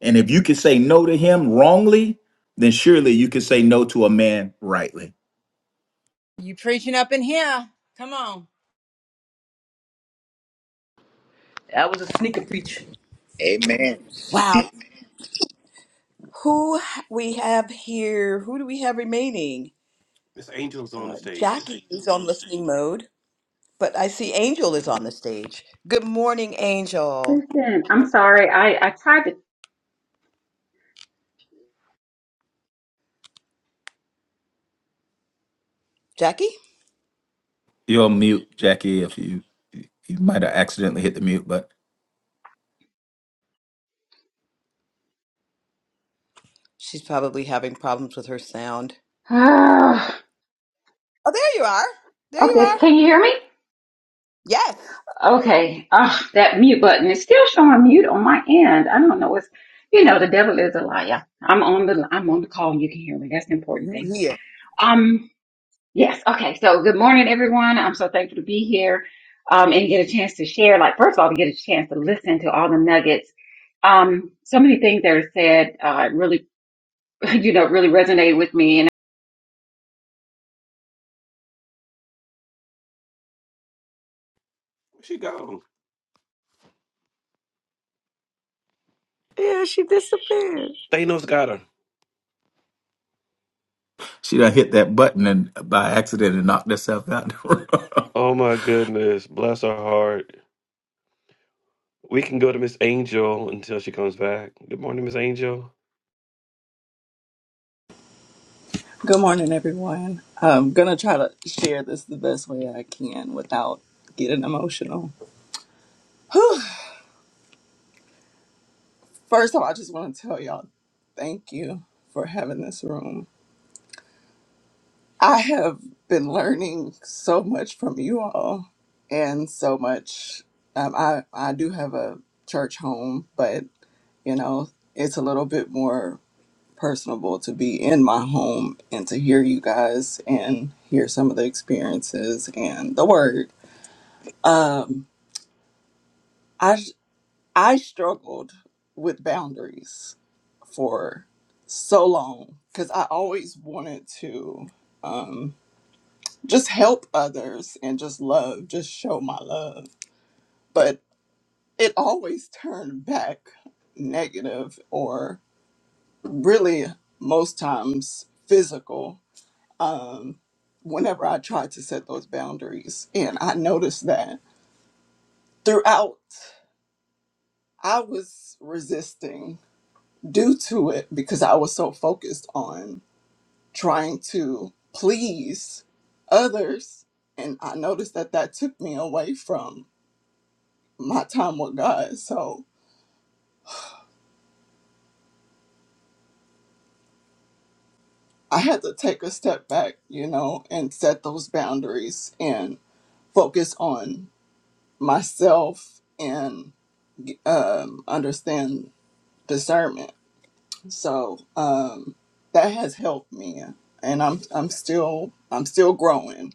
Speaker 6: And if you can say no to him wrongly, then surely you can say no to a man rightly.
Speaker 2: You preaching up in here. Come on.
Speaker 1: That was a sneaker preach.
Speaker 3: Amen.
Speaker 1: Wow. Who we have here? Who do we have remaining?
Speaker 7: Miss angel's on
Speaker 1: Uh,
Speaker 7: the stage.
Speaker 1: Jackie is on listening mode, but I see Angel is on the stage. Good morning, Angel.
Speaker 10: Listen, I'm sorry. I, I tried to.
Speaker 1: Jackie?
Speaker 6: You're on mute, Jackie. If you you might have accidentally hit the mute button.
Speaker 1: She's probably having problems with her sound. Oh, there you are. There
Speaker 10: Ah,
Speaker 1: you
Speaker 10: okay,
Speaker 1: are.
Speaker 10: can you hear me?
Speaker 1: Yes.
Speaker 10: Okay. Ah, that mute button is still showing mute on my end. I don't know what's, you know, the devil is a liar. I'm on the I'm on the call and you can hear me. That's the important
Speaker 1: You
Speaker 10: thing.
Speaker 1: here.
Speaker 10: Um, yes. Okay. So good morning, everyone. I'm so thankful to be here. Um, and get a chance to share. Like first of all, to get a chance to listen to all the nuggets. Um, so many things that are said. Uh, really, you know, really resonated with me.
Speaker 7: Where she gone?
Speaker 9: Yeah, she disappeared.
Speaker 7: Thanos got her.
Speaker 6: She done hit that button and by accident and knocked herself out the room.
Speaker 7: Oh my goodness. Bless her heart. We can go to Miss Angel until she comes back. Good morning, Miss Angel.
Speaker 11: Good morning, everyone. I'm going to try to share this the best way I can without getting emotional. First of all, I just want to tell y'all thank you for having this room. I have been learning so much from you all and so much. Um, I, I do have a church home, but you know, it's a little bit more personable to be in my home and to hear you guys and hear some of the experiences and the word. Um, I I struggled with boundaries for so long because I always wanted to um, just help others and just love, just show my love. But it always turned back negative or really most times physical um, whenever I tried to set those boundaries. And I noticed that throughout, I was resisting due to it because I was so focused on trying to please others. And I noticed that that took me away from my time with God. So I had to take a step back, you know, and set those boundaries and focus on myself and um, understand discernment. So um, that has helped me, and I'm I'm still I'm still growing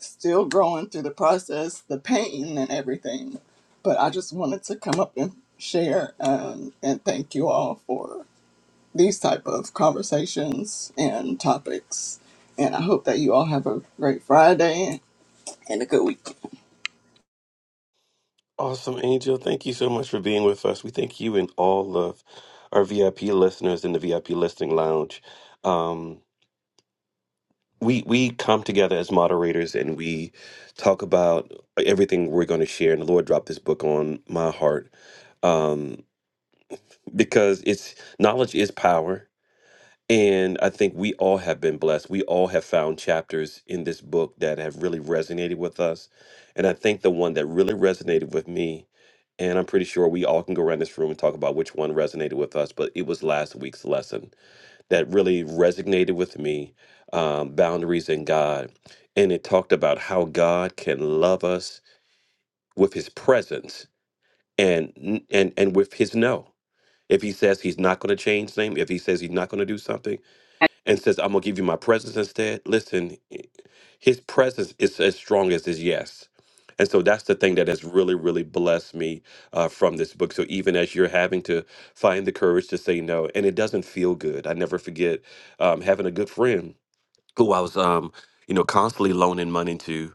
Speaker 11: still growing through the process, the pain and everything. But I just wanted to come up and share um, and thank you all for these type of conversations and topics. And I hope that you all have a great Friday and a good week.
Speaker 7: Awesome, Angel. Thank you so much for being with us. We thank you and all of our VIP listeners in the VIP Listening Lounge. Um, we we come together as moderators and we talk about everything we're going to share. And the Lord dropped this book on my heart um, because it's knowledge is power And I think we all have been blessed. We all have found chapters in this book that have really resonated with us. And I think the one that really resonated with me, and I'm pretty sure we all can go around this room and talk about which one resonated with us, but it was last week's lesson that really resonated with me um, boundaries in God. And it talked about how God can love us with his presence and and and with his no. If he says he's not going to change things, if he says he's not going to do something, and says, I'm going to give you my presence instead. Listen, eh, his presence is as strong as his yes. And so that's the thing that has really, really blessed me uh, from this book. So even as you're having to find the courage to say no, and it doesn't feel good, I never forget um, having a good friend who I was, um, you know, constantly loaning money to,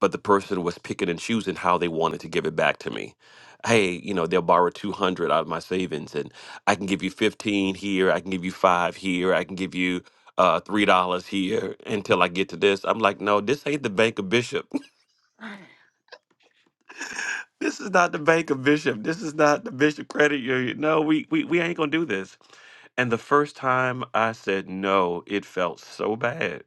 Speaker 7: but the person was picking and choosing how they wanted to give it back to me. Hey, you know, they'll borrow 200 out of my savings and I can give you 15 here. I can give you five here. I can give you uh, $3 here until I get to this. I'm like, no, this ain't the Bank of Bishop. this is not the Bank of Bishop. This is not the Bishop Credit Union. No, we, we, we ain't going to do this. And the first time I said no, it felt so bad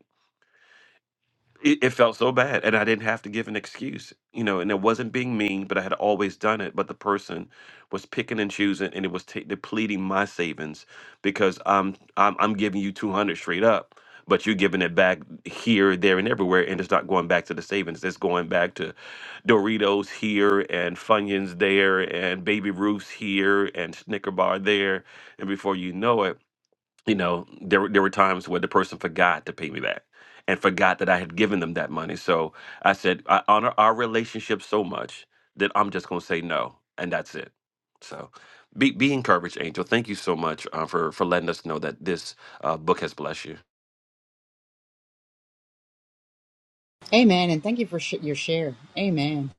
Speaker 7: it, it felt so bad and i didn't have to give an excuse you know and it wasn't being mean but i had always done it but the person was picking and choosing and it was ta depleting my savings because I'm, I'm i'm giving you 200 straight up but you're giving it back here there and everywhere and it's not going back to the savings it's going back to doritos here and funyuns there and baby Ruths here and snicker bar there and before you know it you know there were- there were times where the person forgot to pay me back and forgot that I had given them that money. So I said I honor our relationship so much that I'm just going to say no and that's it. So be be encouraged, Angel. Thank you so much uh, for for letting us know that this uh, book has blessed you.
Speaker 2: Amen. And thank you for sh- your share. Amen.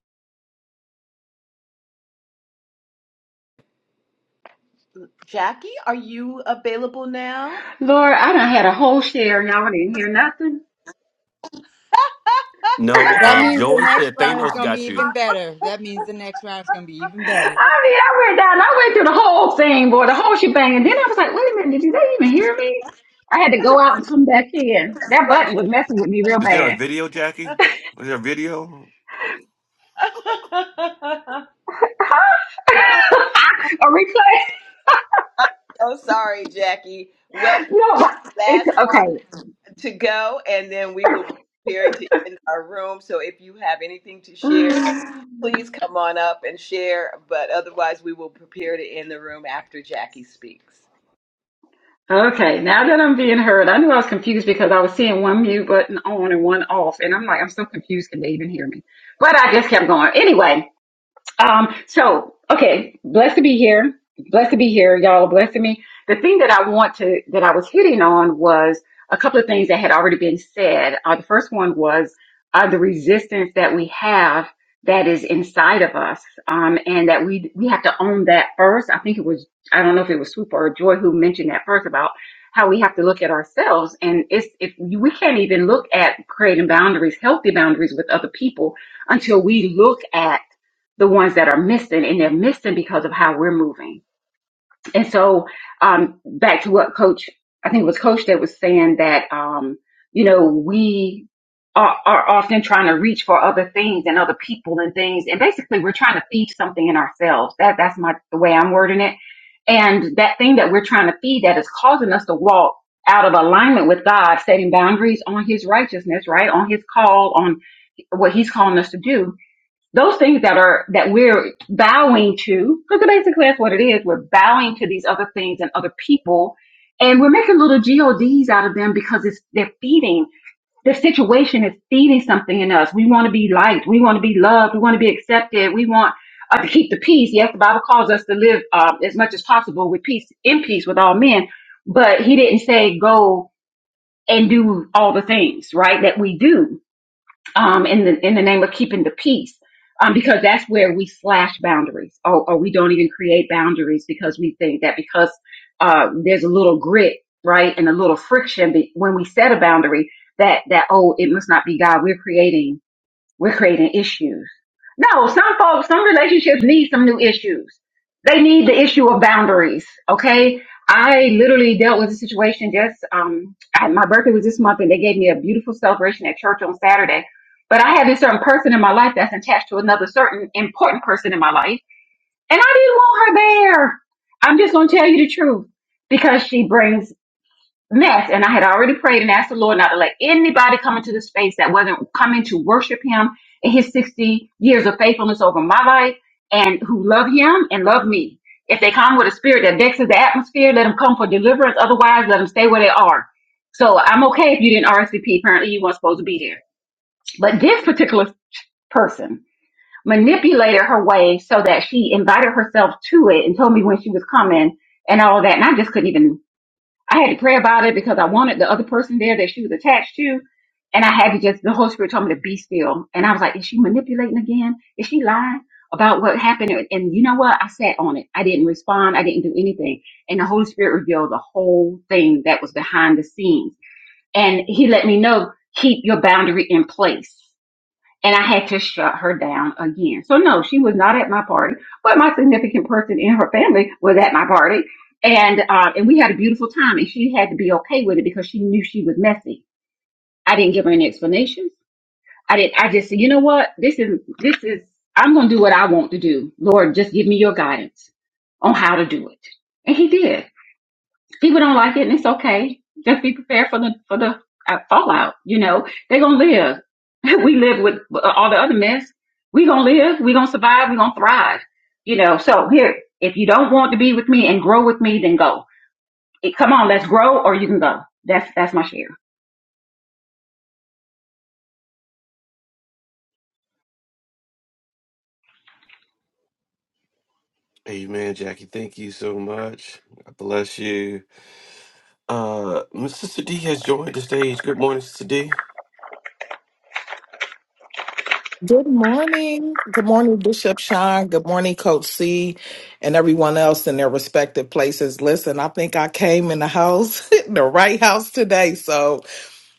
Speaker 1: Jackie, are you available now?
Speaker 10: Lord, I done had a whole share and y'all didn't hear nothing.
Speaker 7: No,
Speaker 2: That
Speaker 7: um,
Speaker 2: means the
Speaker 7: Joy
Speaker 2: next
Speaker 7: said
Speaker 2: round is
Speaker 7: Thanos
Speaker 2: going to be
Speaker 7: got you.
Speaker 2: even better. That means the next round is going to be even
Speaker 10: I
Speaker 2: better.
Speaker 10: mean, I went down, I went through the whole thing, boy, the whole shebang. And then I was like, wait a minute, did you they even hear me? I had to
Speaker 1: That's
Speaker 10: go
Speaker 1: a
Speaker 10: out and come back in. That
Speaker 1: run.
Speaker 10: button was messing with me real
Speaker 7: Is there a
Speaker 10: bad.
Speaker 7: video, Jackie? Is there a video?
Speaker 10: Huh? a replay?
Speaker 1: I'm so sorry, Jackie. Well,
Speaker 10: No. It's
Speaker 1: last
Speaker 10: okay.
Speaker 1: to go, and then we will be preparing to end our room. So if you have anything to share, please come on up and share. But otherwise, we will prepare to end the room after Jackie speaks.
Speaker 10: Okay, now that I'm being heard, I knew I was confused because I was seeing one mute button on and one off, and I'm like, I'm so confused, can they even hear me? But I just kept going. Anyway, Um, so okay, blessed to be here. Blessed to be here, y'all. Blessed to me. The thing that I want to that I was hitting on was a couple of things that had already been said. Uh, the first one was uh, the resistance that we have that is inside of us, um, and that we we have to own that first. I think it was I don't know if it was Swoop or Joy who mentioned that first about how we have to look at ourselves, and it's if we can't even look at creating boundaries, healthy boundaries with other people until we look at the ones that are missing, and they're missing because of how we're moving. And so, um, back to what Coach, I think it was Coach that was saying that, um, you know, we are, are often trying to reach for other things and other people and things, and basically we're trying to feed something in ourselves. That that's my the way I'm wording it. And that thing that we're trying to feed that is causing us to walk out of alignment with God, setting boundaries on His righteousness, right, on His call, on what He's calling us to do those things that are that we're bowing to because basically that's what it is we're bowing to these other things and other people and we're making little gods out of them because it's they're feeding the situation is feeding something in us we want to be liked we want to be loved we want to be accepted we want uh, to keep the peace yes the bible calls us to live uh, as much as possible with peace in peace with all men but he didn't say go and do all the things right that we do um, in the in the name of keeping the peace, um, because that's where we slash boundaries, or, or we don't even create boundaries because we think that because uh, there's a little grit, right, and a little friction be- when we set a boundary, that that oh, it must not be God. We're creating we're creating issues. No, some folks, some relationships need some new issues. They need the issue of boundaries. Okay. I literally dealt with a situation just, um, I, my birthday was this month and they gave me a beautiful celebration at church on Saturday. But I have this certain person in my life that's attached to another certain important person in my life. And I didn't want her there. I'm just going to tell you the truth because she brings mess and I had already prayed and asked the Lord not to let anybody come into the space that wasn't coming to worship him in his 60 years of faithfulness over my life and who love him and love me. If they come with a spirit that vexes the atmosphere, let them come for deliverance. Otherwise, let them stay where they are. So I'm okay if you didn't RSVP. Apparently you weren't supposed to be there. But this particular person manipulated her way so that she invited herself to it and told me when she was coming and all that. And I just couldn't even I had to pray about it because I wanted the other person there that she was attached to. And I had to just, the Holy Spirit told me to be still. And I was like, is she manipulating again? Is she lying about what happened? And and you know what? I sat on it. I didn't respond. I didn't do anything. And the Holy Spirit revealed the whole thing that was behind the scenes. And he let me know, keep your boundary in place and I had to shut her down again. So no, she was not at my party, but my significant person in her family was at my party, and uh, and we had a beautiful time. And she had to be okay with it because she knew she was messy. I didn't give her any explanations. I didn't. I just said, you know what? This is this is. I'm gonna do what I want to do. Lord, just give me your guidance on how to do it. And he did people don't like it and it's okay just be prepared for the for the uh, fallout you know they're gonna live we live with uh, all the other mess we gonna live we gonna survive we gonna thrive you know so here if you don't want to be with me and grow with me then go It- come on let's grow or you can go that's that's my share
Speaker 7: Amen, Jackie. Thank you so much. God bless you. Uh, Miss Sister D has joined the stage. Good morning, Sister D.
Speaker 12: Good morning. Good morning, Bishop Sean. Good morning, Coach C, and everyone else in their respective places. Listen, I think I came in the house, the right house today. So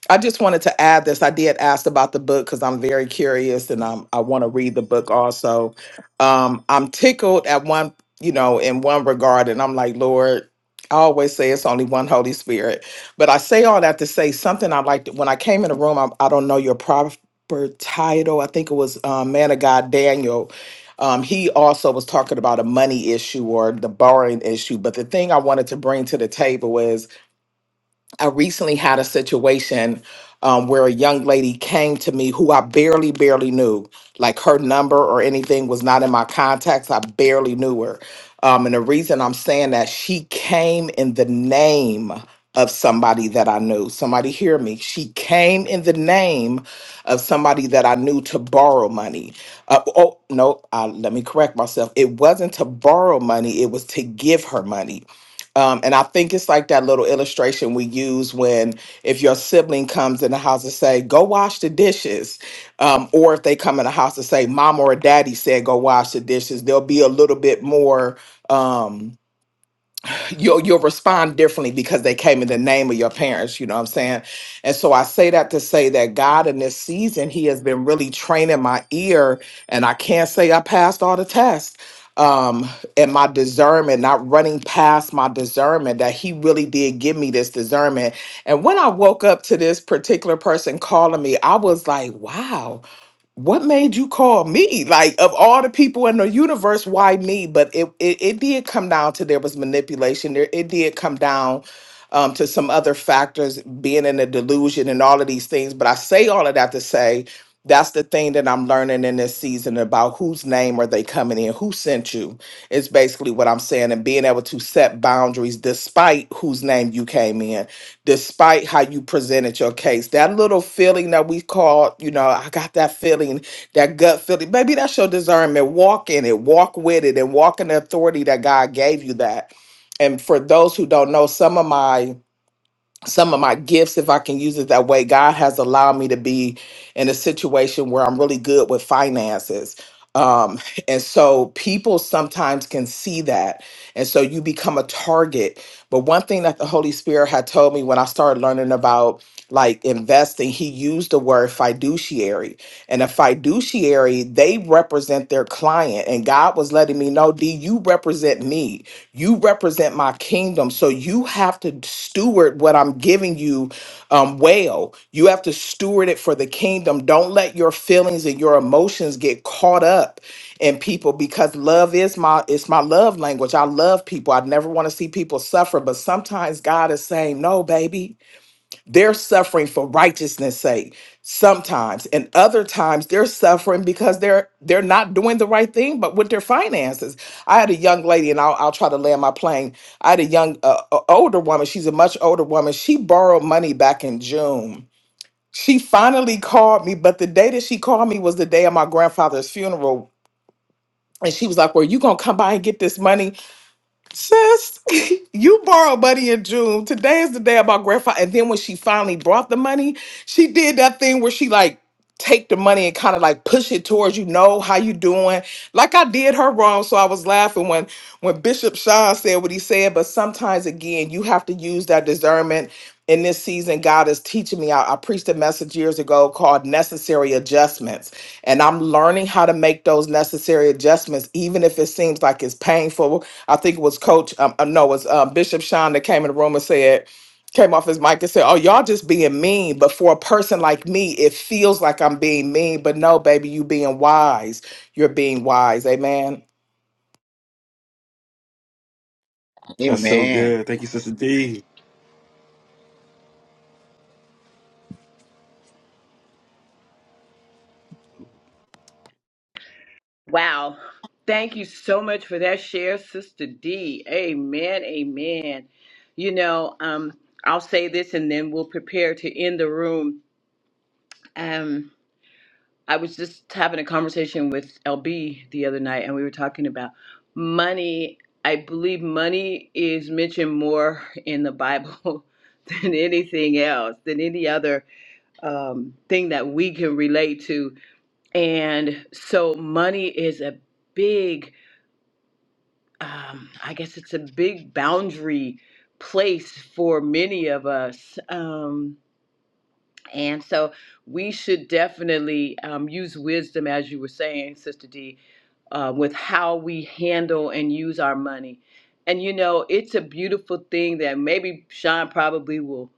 Speaker 12: I just wanted to add this. I did ask about the book because I'm very curious and I'm, I want to read the book also. Um, I'm tickled at one, you know, in one regard, and I'm like, Lord, I always say it's only one Holy Spirit. But I say all that to say something I liked when I came in the room. I, I don't know your proper title. I think it was um, Man of God Daniel. Um, he also was talking about a money issue or the borrowing issue. But the thing I wanted to bring to the table is I recently had a situation um, where a young lady came to me who I barely, barely knew. Like her number or anything was not in my contacts. I barely knew her. Um, and the reason I'm saying that, she came in the name of somebody that I knew. Somebody hear me. She came in the name of somebody that I knew to borrow money. Uh, oh, no, uh, let me correct myself. It wasn't to borrow money, it was to give her money. Um, and I think it's like that little illustration we use when if your sibling comes in the house and say, "Go wash the dishes," um, or if they come in the house and say, "Mom or Daddy said go wash the dishes," there'll be a little bit more. Um, you'll you'll respond differently because they came in the name of your parents you know what i'm saying and so i say that to say that god in this season he has been really training my ear and i can't say i passed all the tests um and my discernment not running past my discernment that he really did give me this discernment and when i woke up to this particular person calling me i was like wow what made you call me? Like of all the people in the universe, why me? But it it, it did come down to there was manipulation. There it did come down um, to some other factors, being in a delusion and all of these things. But I say all of that to say that's the thing that I'm learning in this season about whose name are they coming in, who sent you. It's basically what I'm saying, and being able to set boundaries despite whose name you came in despite how you presented your case. That little feeling that we call, you know, I got that feeling, that gut feeling. Maybe that's your discernment. Walk in it, walk with it, and walk in the authority that God gave you that. And for those who don't know, some of my some of my gifts, if I can use it that way. God has allowed me to be in a situation where I'm really good with finances. Um, and so people sometimes can see that. And so you become a target. But one thing that the Holy Spirit had told me when I started learning about like investing, he used the word fiduciary. And a fiduciary, they represent their client. And God was letting me know, D, you represent me. You represent my kingdom. So you have to steward what I'm giving you um, well. You have to steward it for the kingdom. Don't let your feelings and your emotions get caught up in people because love is my it's my love language. I love people. I never want to see people suffer, but sometimes God is saying, "No, baby. They're suffering for righteousness' sake sometimes, and other times they're suffering because they're they're not doing the right thing, but with their finances. I had a young lady, and I'll, I'll try to land my plane. I had a young, uh, uh, older woman. She's a much older woman. She borrowed money back in June. She finally called me, but the day that she called me was the day of my grandfather's funeral. And she was like, "Well, you gonna come by and get this money?" Sis, you borrowed money in June. Today is the day about grandfather. And then when she finally brought the money, she did that thing where she like take the money and kind of like push it towards you. Know how you doing? Like I did her wrong, so I was laughing when when Bishop Sean said what he said. But sometimes again, you have to use that discernment. In this season, God is teaching me. I, I preached a message years ago called "Necessary Adjustments," and I'm learning how to make those necessary adjustments, even if it seems like it's painful I think it was Coach, um, uh, no, it was um, Bishop Sean that came in the room and said, came off his mic and said, "Oh, y'all just being mean." But for a person like me, it feels like I'm being mean. But no, baby, you being wise. You're being wise. Amen.
Speaker 7: That's so
Speaker 3: Amen.
Speaker 7: good. Thank you, Sister D.
Speaker 1: Wow. Thank you so much for that share, Sister D. Amen. Amen. You know, um, I'll say this and then we'll prepare to end the room. Um, I was just having a conversation with LB the other night, and we were talking about money. I believe money is mentioned more in the Bible than anything else, than any other um, thing that we can relate to. And so, money is a big, um, I guess it's a big boundary place for many of us. Um, and so, we should definitely um, use wisdom, as you were saying, Sister D uh, with how we handle and use our money. And you know, it's a beautiful thing that maybe Sean probably will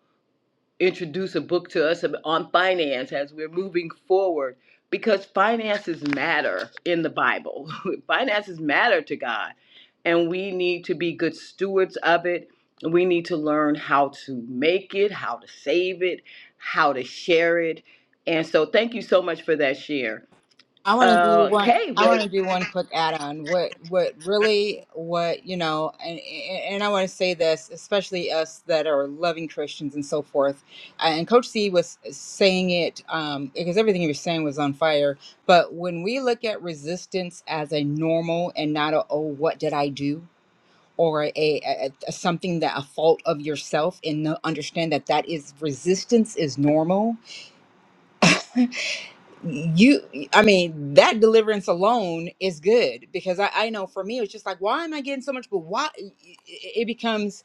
Speaker 1: introduce a book to us on finance as we're moving forward because finances matter in the Bible. finances matter to God, and we need to be good stewards of it. We need to learn how to make it, how to save it, how to share it. And so, thank you so much for that share.
Speaker 2: I want to do
Speaker 1: Uh,
Speaker 2: one. I
Speaker 1: Kay,
Speaker 2: want to do one quick add-on. What, what really, what you know, and and and I want to say this, especially us that are loving Christians and so forth. Uh, And Coach C was saying it um, because everything he was saying was on fire. But when we look at resistance as a normal and not a oh, what did I do? Or a, a, a something that a fault of yourself, and no- understand that that is resistance is normal you i mean that deliverance alone is good because i, I know for me it's just like why am i getting so much but why it becomes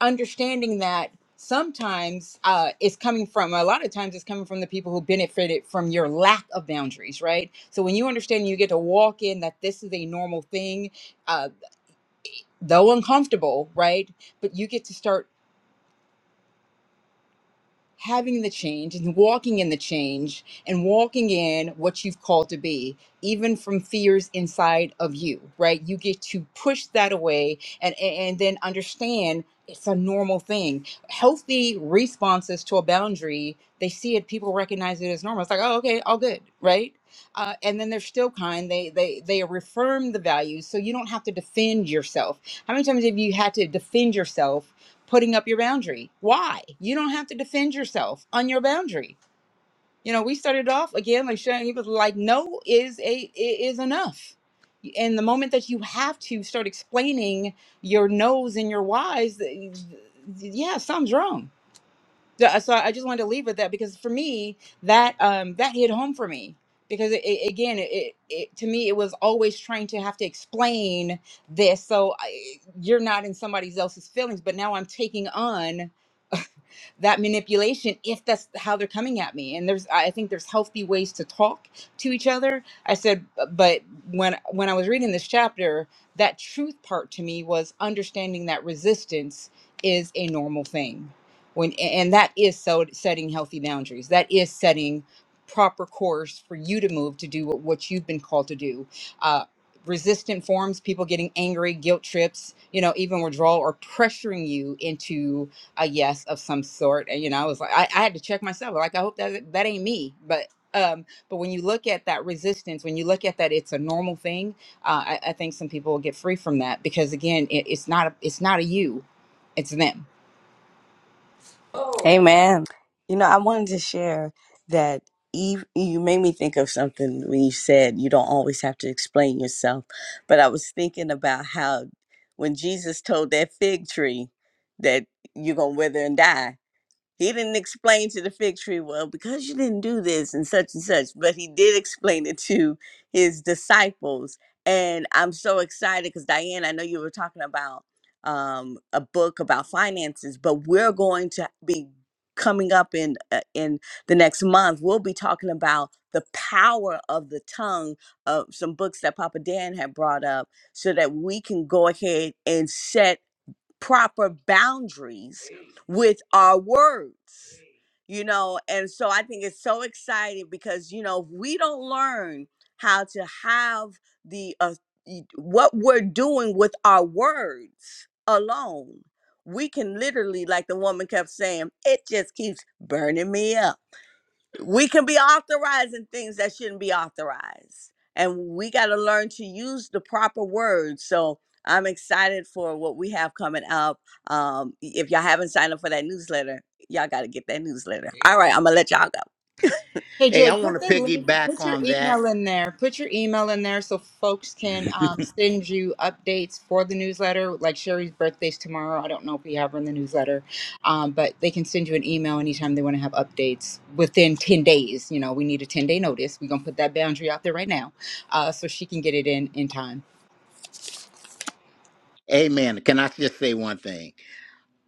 Speaker 2: understanding that sometimes uh it's coming from a lot of times it's coming from the people who benefited from your lack of boundaries right so when you understand you get to walk in that this is a normal thing uh though uncomfortable right but you get to start having the change and walking in the change and walking in what you've called to be, even from fears inside of you, right? You get to push that away and, and and then understand it's a normal thing. Healthy responses to a boundary, they see it, people recognize it as normal. It's like, oh, okay, all good, right? Uh, and then they're still kind. They they they reaffirm the values, so you don't have to defend yourself. How many times have you had to defend yourself putting up your boundary. Why? You don't have to defend yourself on your boundary. You know, we started off again like Shannon, he was like, no is a is enough. And the moment that you have to start explaining your no's and your whys, yeah, something's wrong. Yeah, So I just wanted to leave with that because for me, that um, that hit home for me because it, it, again, it, it, it to me it was always trying to have to explain this. So I, you're not in somebody else's feelings, but now I'm taking on that manipulation if that's how they're coming at me and there's i think there's healthy ways to talk to each other i said but when when i was reading this chapter that truth part to me was understanding that resistance is a normal thing when and that is so setting healthy boundaries that is setting proper course for you to move to do what, what you've been called to do uh, resistant forms people getting angry guilt trips you know even withdrawal or pressuring you into a yes of some sort. And you know, I was like, I, I had to check myself. Like, I hope that that ain't me. But um, but when you look at that resistance, when you look at that, it's a normal thing. Uh, I, I think some people will get free from that because again, it, it's not a, it's not a you, it's them
Speaker 9: Amen. You know, I wanted to share that Eve, you made me think of something when you said you don't always have to explain yourself. But I was thinking about how when Jesus told that fig tree that you're going to wither and die, he didn't explain to the fig tree, well, because you didn't do this and such and such, but he did explain it to his disciples. And I'm so excited because Diane, I know you were talking about um, a book about finances, but we're going to be coming up in uh, in the next month. We'll be talking about the power of the tongue of some books that Papa Dan had brought up, so that we can go ahead and set proper boundaries with our words you know and so i think it's so exciting because you know if we don't learn how to have the uh, y- what we're doing with our words alone we can literally like the woman kept saying it just keeps burning me up we can be authorizing things that shouldn't be authorized and we got to learn to use the proper words so i'm excited for what we have coming up um if y'all haven't signed up for that newsletter y'all got to get that newsletter all right i'm gonna let y'all go
Speaker 2: Hey
Speaker 3: Hey,
Speaker 2: Joy,
Speaker 3: I want
Speaker 2: put
Speaker 3: to
Speaker 2: the link,
Speaker 3: piggyback
Speaker 2: put your
Speaker 3: on that.
Speaker 2: email in there. Put your email in there so folks can um, send you updates for the newsletter. Like Sherry's birthday's tomorrow. I don't know if we have her in the newsletter, um, but they can send you an email anytime they want to have updates within 10 days. You know, we need a 10 day notice. We're going to put that boundary out there right now uh, so she can get it in in time.
Speaker 3: Amen. Can I just say one thing?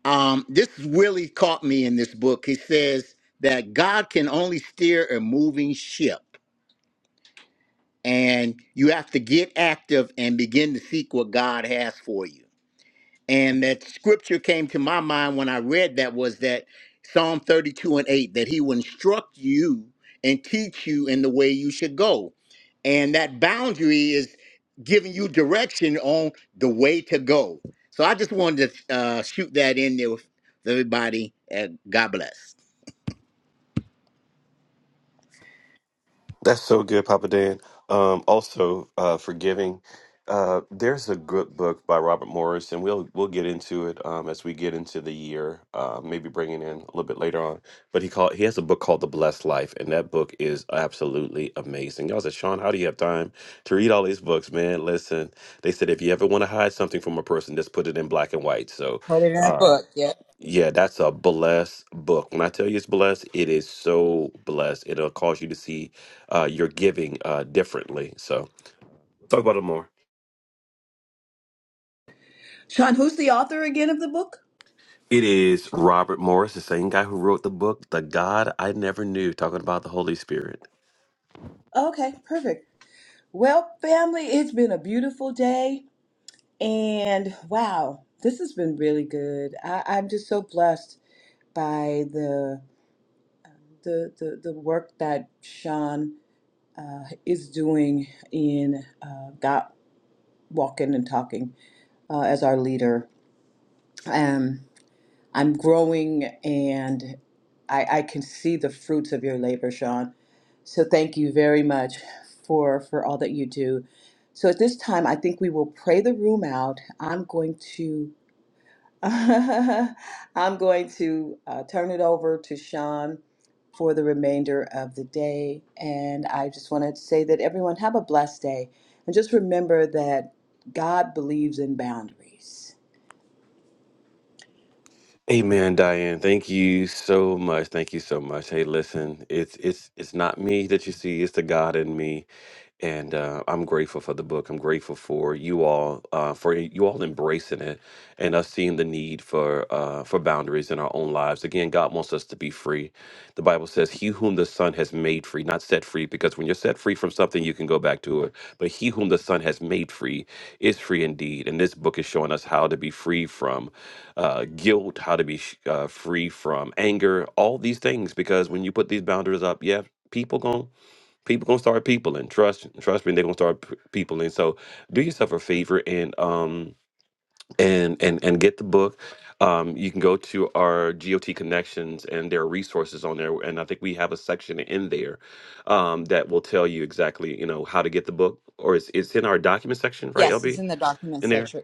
Speaker 3: Um, this really caught me in this book. He says that God can only steer a moving ship, and you have to get active and begin to seek what God has for you. And that scripture came to my mind when I read that was that Psalm 32 and 8, that he will instruct you and teach you in the way you should go. And that boundary is giving you direction on the way to go. So I just wanted to uh, shoot that in there with everybody. And God bless.
Speaker 7: That's so good, Papa Dan. Um, also, uh, forgiving. Uh, there's a good book by Robert Morris, and we'll we'll get into it um, as we get into the year. Uh, maybe bringing in a little bit later on. But he called he has a book called The Blessed Life, and that book is absolutely amazing. Y'all said, Sean, how do you have time to read all these books, man? Listen, they said if you ever want to hide something from a person, just put it in black and white. So,
Speaker 2: Put it in a
Speaker 7: uh,
Speaker 2: book. Yeah.
Speaker 7: yeah, that's a blessed book. When I tell you it's blessed, it is so blessed. It'll cause you to see uh, your giving uh, differently. So, talk about it more.
Speaker 1: Sean, who's the author again of the book?
Speaker 7: It is Robert Morris, the same guy who wrote the book, The God I Never Knew, talking about the Holy Spirit.
Speaker 1: Okay, perfect. Well, family, it's been a beautiful day. And wow, this has been really good. I, I'm just so blessed by the the, the, the work that Sean uh, is doing in uh, God Walking and Talking uh, as our leader. Um, I'm growing and I, I can see the fruits of your labor, Sean. So thank you very much for for all that you do So at this time, I think we will pray the room out. I'm going to, I'm going to uh, turn it over to Sean for the remainder of the day. And I just want to say that everyone have a blessed day, and just remember that God believes in boundaries.
Speaker 7: Amen, Diane. Thank you so much. Thank you so much. Hey, listen, it's it's it's not me that you see, it's the God in me. and uh, I'm grateful for the book. I'm grateful for you all uh, for you all embracing it and us seeing the need for uh, for boundaries in our own lives. Again, God wants us to be free. The Bible says, "He whom the Son has made free, not set free," because when you're set free from something, you can go back to it. But he whom the Son has made free is free indeed. And this book is showing us how to be free from uh, guilt, how to be sh- uh, free from anger, all these things. Because when you put these boundaries up, yeah, people gon' people gonna start people and trust trust me they're gonna start p- people and so do yourself a favor and um and and and get the book um you can go to our got connections and there are resources on there and i think we have a section in there um that will tell you exactly you know how to get the book or it's, it's in our document section right
Speaker 2: Yes, it's
Speaker 7: lb
Speaker 2: in the document
Speaker 7: in there
Speaker 2: section.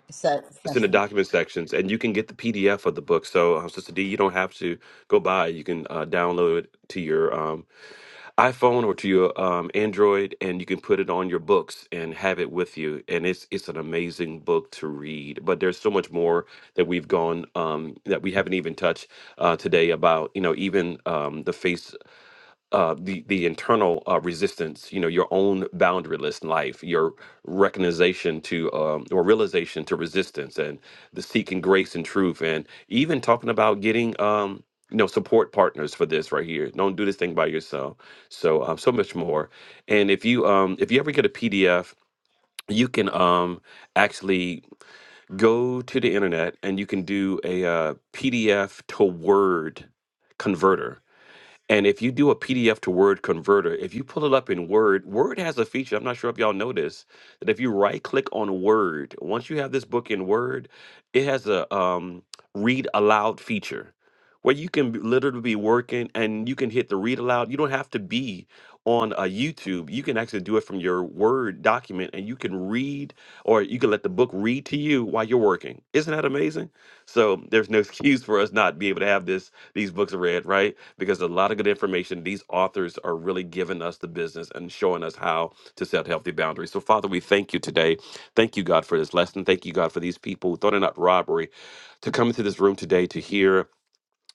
Speaker 7: it's in the document sections and you can get the pdf of the book so uh, sister d you don't have to go buy it. you can uh, download it to your um iPhone or to your um, Android, and you can put it on your books and have it with you. And it's it's an amazing book to read. But there's so much more that we've gone um, that we haven't even touched uh, today about you know even um, the face uh, the the internal uh, resistance, you know, your own boundaryless life, your recognition to um, or realization to resistance, and the seeking grace and truth, and even talking about getting um, you know support partners for this right here. Don't do this thing by yourself. So um, so much more. And if you um, if you ever get a PDF, you can um, actually go to the internet and you can do a uh, PDF to Word converter and if you do a PDF to Word converter, if you pull it up in Word, Word has a feature, I'm not sure if y'all know this, that if you right click on Word, once you have this book in Word, it has a um, read aloud feature where you can be- literally be working and you can hit the read aloud. You don't have to be on a YouTube. You can actually do it from your Word document and you can read or you can let the book read to you while you're working. Isn't that amazing? So there's no excuse for us not be able to have this these books read, right? because a lot of good information these authors are really giving us the business and showing us how to set healthy boundaries so father we thank you today thank you god for this lesson thank you god for these people who thought it not robbery to come into this room today to hear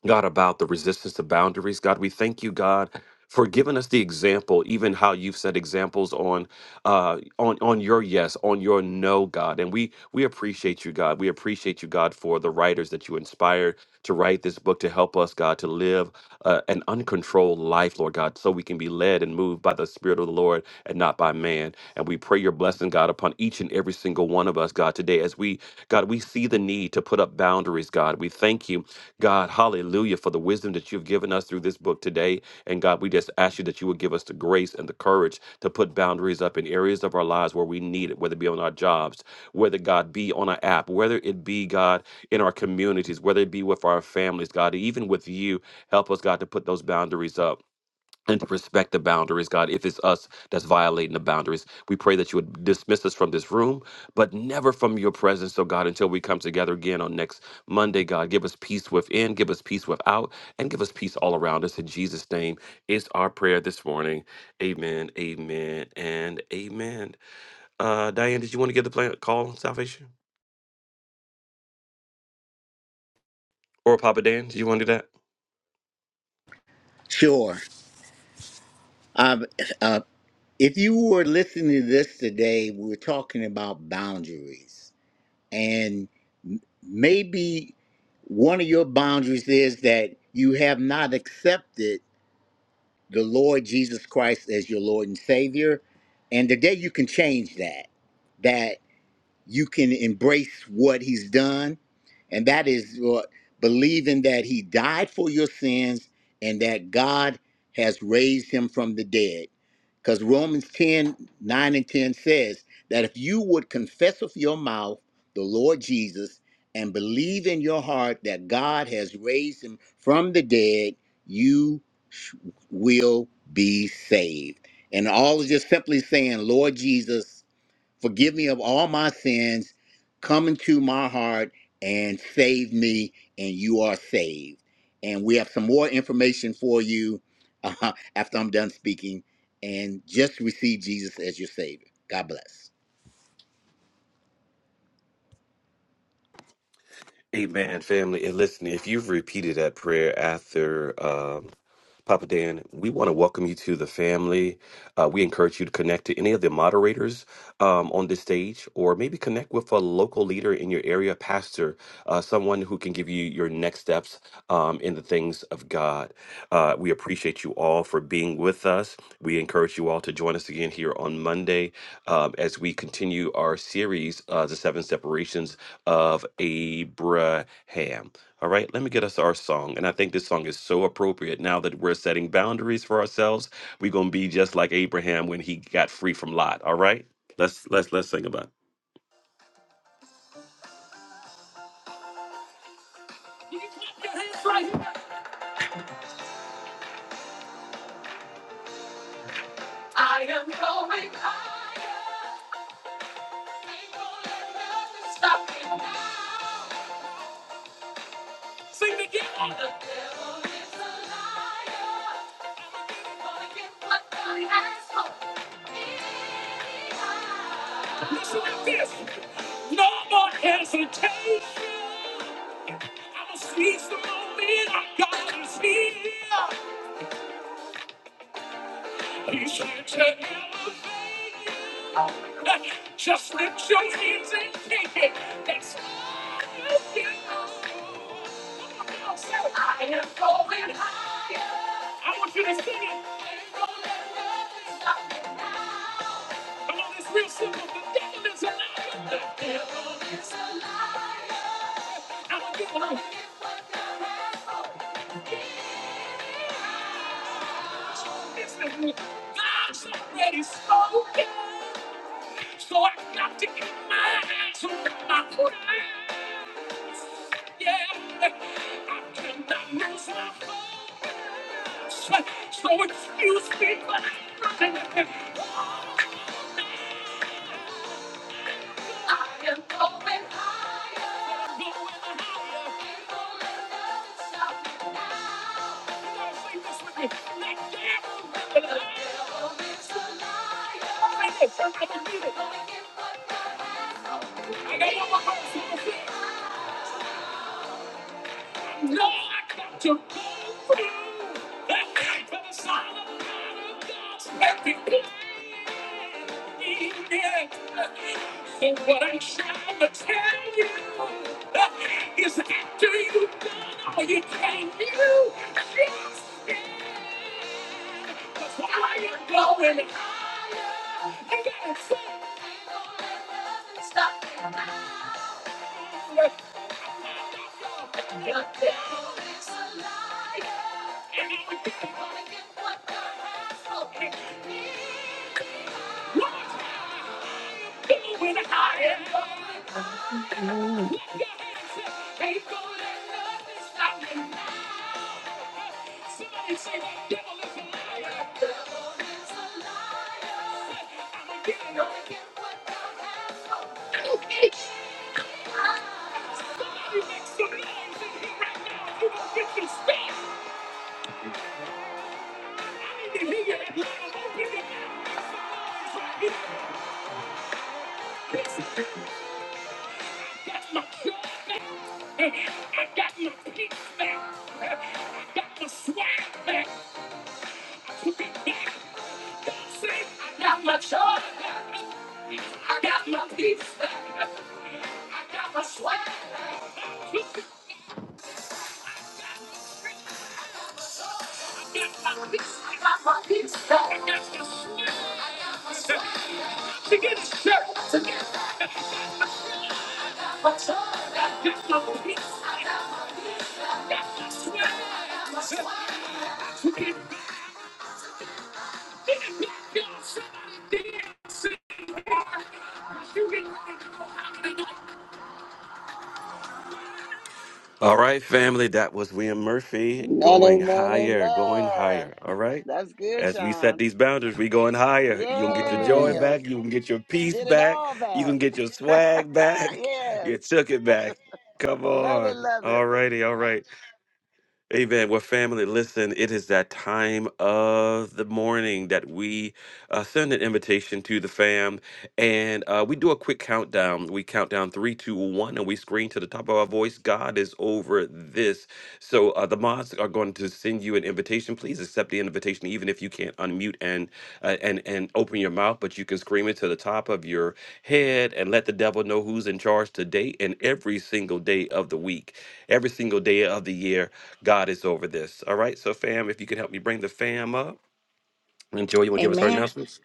Speaker 7: god about the resistance to boundaries god we thank you god for giving us the example, even how you've set examples on, uh, on on your yes, on your no, God, and we we appreciate you, God. We appreciate you, God, for the writers that you inspired to write this book to help us, God, to live uh, an uncontrolled life, Lord God, so we can be led and moved by the Spirit of the Lord and not by man. And we pray your blessing, God, upon each and every single one of us, God, today. As we, God, we see the need to put up boundaries, God. We thank you, God, hallelujah, for the wisdom that you've given us through this book book today. And God, we just ask you that you would give us the grace and the courage to put boundaries up in areas of our lives where we need it, whether it be on our jobs, whether God be on our app, whether it be God in our communities, whether it be with our families, God, even with you, help us, God, to put those boundaries up and to respect the boundaries, God. If it's us that's violating the boundaries, we pray that you would dismiss us from this room, but never from your presence, oh God, until we come together again on next Monday, God. Give us peace within, give us peace without, and give us peace all around us. In Jesus' name is our prayer this morning. Amen, amen, and amen. Uh, Diane, did you want to give the plan, call on salvation? Or Papa Dan, did you want to do that?
Speaker 3: Sure. Um, uh, if you were listening to this today, we were talking about boundaries. and m- maybe one of your boundaries is that you have not accepted the Lord Jesus Christ as your Lord and Savior. And today you can change that. That you can embrace what he's done and that is what believing that he died for your sins and that god has raised him from the dead because romans 10 9 and 10 says that if you would confess with your mouth the lord jesus and believe in your heart that god has raised him from the dead you sh- will be saved and all is just simply saying lord jesus Forgive me of all my sins. Come into my heart and save me, and you are saved. And we have some more information for you uh, after I'm done speaking. And just receive Jesus as your Savior. God bless.
Speaker 7: Amen, family. And listen, if you've repeated that prayer after. Papa Dan, we want to welcome you to the family. Uh, we encourage you to connect to any of the moderators um, on this stage, or maybe connect with a local leader in your area, pastor, uh, someone who can give you your next steps um, in the things of God. Uh, we appreciate you all for being with us. We encourage you all to join us again here on Monday um, as we continue our series, uh, The Seven Separations of Abraham. All right, let me get us our song. And I think this song is so appropriate now that we're setting boundaries for ourselves. We're gonna be just like Abraham when he got free from Lot. All right? Let's let's let's sing about it. You clap your hands right here. I am going higher. Ain't gonna let nothing stop me now. Sing together. Listen like this. No more hesitation. I'ma seize the moment. I gotta see. He's here to elevate. Just lift your hands and take it. That's all you can do. Come on, Say, it. I am going higher. I want you to sing it. Come on, it's real simple. The devil is a liar. The devil is a liar. I'm a good one. Listen, God's already spoken. So I got to get my eyes on my foot. Yeah, I cannot lose my focus. So excuse me, but I'm running. I am going higher. Going higher. Ain't gonna let nothing stop me now. Y'all sing this with me. Let devil live it. the devil is a liar. Sing this, everybody, get it. Turn up the music. Gonna get what God has for me. I got one more verse. No, I come to pull through. I came for the sound of the God of God's epic plan. And what I'm trying to tell you is after you've done all you can do, just stand while you're going higher. You gotta say, ain't gonna let nothing Stop. me. now. The Devil is a liar. get get what what God God has has for for me. me me. I am going gonna Ain't gonna let nothing stop me now. Somebody say devil Devil is is a liar. The devil is a liar. liar right I right got my joy. peace back. I got my swag back. I took it back. Say, I got my joy back. I got my peace back. I got my swag back. I back. I got my peace. I got my peace back. I got my swag back. to get his shirt, to get a turn. I got my peace, I got my sweat, to get back in the back, y'all. Somebody dance, sing, All right, family. That was William Murphy
Speaker 5: Amen,
Speaker 7: going
Speaker 5: amen,
Speaker 7: higher, going
Speaker 5: amen.
Speaker 7: higher. All right.
Speaker 5: That's good,
Speaker 7: As we set
Speaker 5: Sean.
Speaker 7: these boundaries, we going higher. You can get your joy
Speaker 3: Hallelujah.
Speaker 5: Yes.
Speaker 7: back. You can get your peace
Speaker 5: Get it
Speaker 7: back.
Speaker 5: all
Speaker 7: You can
Speaker 5: back.
Speaker 7: get your swag back.
Speaker 5: yes.
Speaker 7: You took it back. Come
Speaker 5: Love it,
Speaker 7: on.
Speaker 5: love it.
Speaker 7: All righty. All right. Amen. Well, family, listen, it is that time of the morning that we uh, send an invitation to the fam and uh, we do a quick countdown. We count down three, two, one, and we scream to the top of our voice God is over this. So uh, the mods are going to send you an invitation invitation, please accept the invitation, even if you can't unmute and uh, and and open your mouth, but you can scream it to the top of your head and let the devil know who's in charge today and every single day of the week, every single day of the year. God is over this. All right, so fam, if you could help me bring the fam up, and Joy, you want to give us our
Speaker 9: Amen.
Speaker 7: announcements?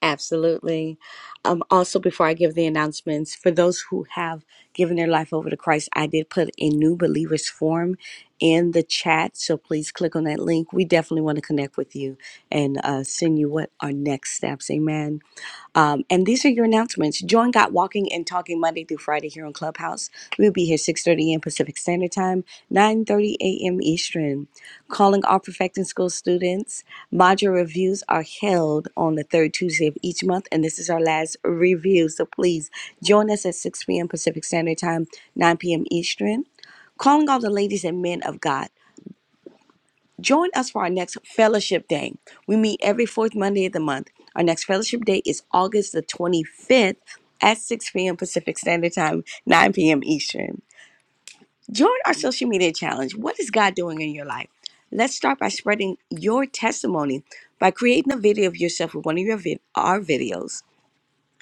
Speaker 9: Absolutely. Um, also, before I give the announcements, for those who have given their life over to Christ, I did put a new believers form in the chat. So please click on that link. We definitely want to connect with you and uh, send you what our next steps. Amen. Um, and these are your announcements. Join Got Walking and Talking Monday through Friday here on Clubhouse. We'll be here 6.30 a.m. Pacific Standard Time, 9.30 a.m. Eastern. Calling all Perfecting School students. Module reviews are held on the third Tuesday of each month, and this is our last review. So please join us at 6 p.m. Pacific Standard Time, 9 p.m. Eastern. Calling all the ladies and men of God. Join us for our next fellowship day. We meet every fourth Monday of the month. Our next fellowship day is August the 25th at 6 p.m. Pacific Standard Time, 9 p.m. Eastern. Join our social media challenge. What is God doing in your life? Let's start by spreading your testimony by creating a video of yourself with one of your vid- our videos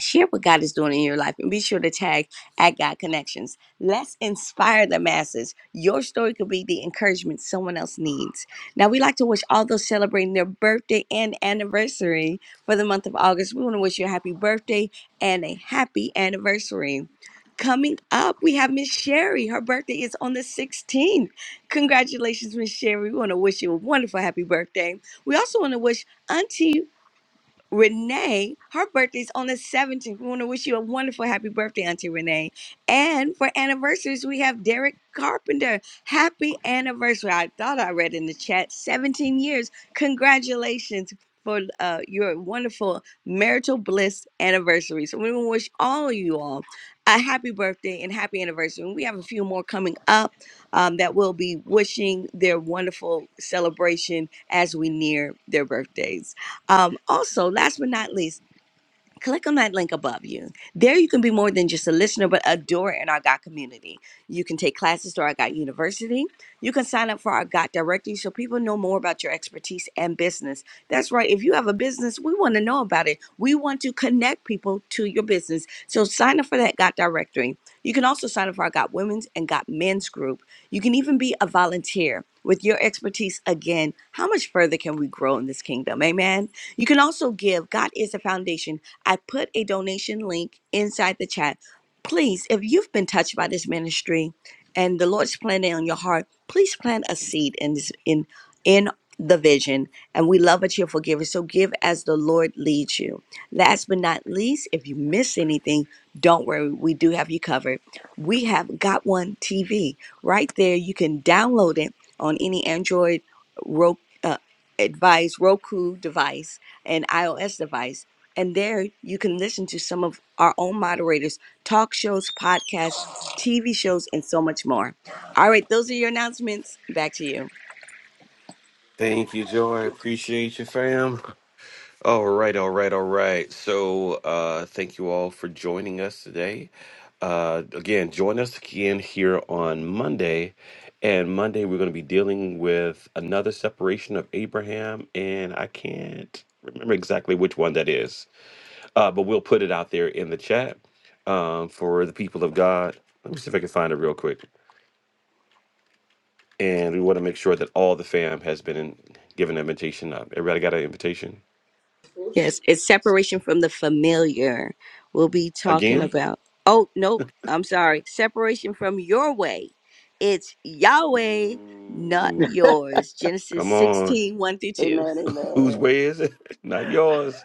Speaker 9: share what God is doing in your life and be sure to tag at God Connections. Let's inspire the masses. Your story could be the encouragement someone else needs. Now, we like to wish all those celebrating their birthday and anniversary for the month of August. We want to wish you a happy birthday and a happy anniversary. Coming up, we have Miss Sherry. Her birthday is on the 16th. Congratulations, Miss Sherry. We want to wish you a wonderful happy birthday. We also want to wish Auntie Renee, her birthday's on the 17th. We want to wish you a wonderful happy birthday, Auntie Renee. And for anniversaries, we have Derek Carpenter. Happy anniversary. I thought I read in the chat 17 years. Congratulations for uh, your wonderful marital bliss anniversary. So we want to wish all of you all a happy birthday and happy anniversary. And we have a few more coming up um, that will be wishing their wonderful celebration as we near their birthdays. Um, also, last but not least, click on that link above you. There you can be more than just a listener, but a doer in our God community. You can take classes through our God University. You can sign up for our God directory so people know more about your expertise and business. That's right. If you have a business, we want to know about it. We want to connect people to your business. So sign up for that God directory. You can also sign up for our God women's and God men's group. You can even be a volunteer. With your expertise, again, how much further can we grow in this kingdom? Amen. You can also give. God is a foundation. I put a donation link inside the chat. Please, if you've been touched by this ministry and the Lord's planted on your heart, please plant a seed in this in in the vision. And we love a cheerful giver. So give as the Lord leads you. Last but not least, if you miss anything, don't worry. We do have you covered. We have Got One TV right there. You can download it on any Android Roku, uh, advice, Roku device, and iOS device and there you can listen to some of our own moderators, talk shows, podcasts, TV shows, and so much more. All right, those are your announcements. Back to you.
Speaker 7: Thank you, Joy. Appreciate you, fam. All right, all right, all right. So, uh, thank you all for joining us today. Uh, again, join us again here on Monday. And Monday, we're going to be dealing with another separation of Abraham. And I can't remember exactly which one that is, uh, but we'll put it out there in the chat um, for the people of God. Let me see if I can find it real quick. And we want to make sure that all the fam has been in, given an invitation. Uh, everybody got an invitation
Speaker 9: Yes, it's separation from the familiar. We'll be talking
Speaker 7: again?
Speaker 9: about, oh, nope, I'm sorry, separation from your way. It's Yahweh, not
Speaker 7: Ooh.
Speaker 9: yours. Genesis
Speaker 7: Come on.
Speaker 9: sixteen one through 2.
Speaker 5: Amen,
Speaker 7: Whose
Speaker 5: amen.
Speaker 7: way is it? Not yours.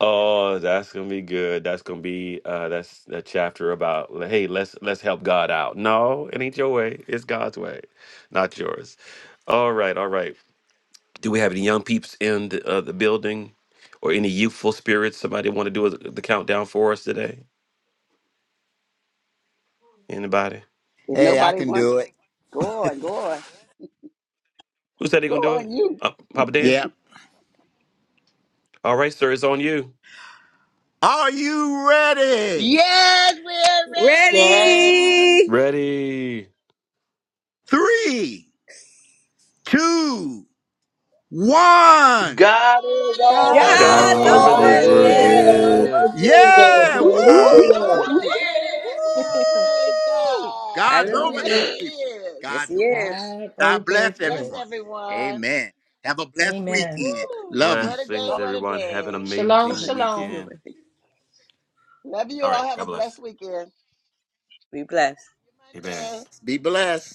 Speaker 7: Oh, that's gonna be good. That's gonna be uh that's that chapter about hey, let's let's help God out. No, it ain't your way. It's God's way, not yours. All right, all right. Do we have any young peeps in the, uh, the building or any youthful spirits? Somebody want to do a- the countdown for us today? Anybody?
Speaker 5: If
Speaker 3: Hey, I
Speaker 5: nobody
Speaker 3: can
Speaker 5: wants,
Speaker 3: do it.
Speaker 5: go on, go on,
Speaker 7: Who said they
Speaker 5: go
Speaker 7: gonna do
Speaker 5: on,
Speaker 7: it?
Speaker 5: you.
Speaker 7: Uh, Papa Dan?
Speaker 3: Yep.
Speaker 7: All right, sir, it's on you.
Speaker 3: Are you ready?
Speaker 5: Yes, we're ready to go.
Speaker 9: Ready?
Speaker 7: Ready.
Speaker 3: Three, two, one.
Speaker 13: God is
Speaker 5: God is
Speaker 8: god
Speaker 13: over
Speaker 5: over
Speaker 7: God's
Speaker 9: God's
Speaker 13: this.
Speaker 6: God
Speaker 7: over
Speaker 9: over
Speaker 11: Over.
Speaker 6: over
Speaker 13: Hallelujah.
Speaker 9: this.
Speaker 13: Thank
Speaker 6: this.
Speaker 13: you,
Speaker 7: this.
Speaker 13: Jesus.
Speaker 3: Yeah!
Speaker 14: Whoop, whoop,
Speaker 13: Hallelujah.
Speaker 3: Woo!
Speaker 14: whoop,
Speaker 5: this. Hallelujah. Hallelujah.
Speaker 14: whoop.
Speaker 5: Praise
Speaker 3: Woo!
Speaker 5: God.
Speaker 3: God's over
Speaker 5: Yes,
Speaker 9: Hallelujah.
Speaker 14: yes,
Speaker 5: He
Speaker 3: this, people.
Speaker 5: is.
Speaker 9: Yes,
Speaker 3: God's
Speaker 9: he
Speaker 3: over this.
Speaker 9: is.
Speaker 14: God
Speaker 3: God
Speaker 14: over
Speaker 3: bless
Speaker 5: Bless
Speaker 3: everyone.
Speaker 14: this.
Speaker 5: everyone.
Speaker 3: Amen. Have a blessed
Speaker 14: Amen.
Speaker 3: weekend.
Speaker 5: Woo.
Speaker 3: Love you.
Speaker 5: What a day.
Speaker 7: Blessings,
Speaker 5: What a
Speaker 7: everyone. Have an
Speaker 5: day.
Speaker 14: Shalom,
Speaker 7: amazing
Speaker 9: He
Speaker 14: shalom.
Speaker 9: do
Speaker 7: weekend.
Speaker 9: it.
Speaker 5: Love you
Speaker 7: All
Speaker 5: all.
Speaker 7: right.
Speaker 5: Have
Speaker 7: God
Speaker 5: a
Speaker 7: bless.
Speaker 5: blessed weekend.
Speaker 9: Be blessed.
Speaker 5: See you
Speaker 7: Amen.
Speaker 5: Monday.
Speaker 3: Be blessed.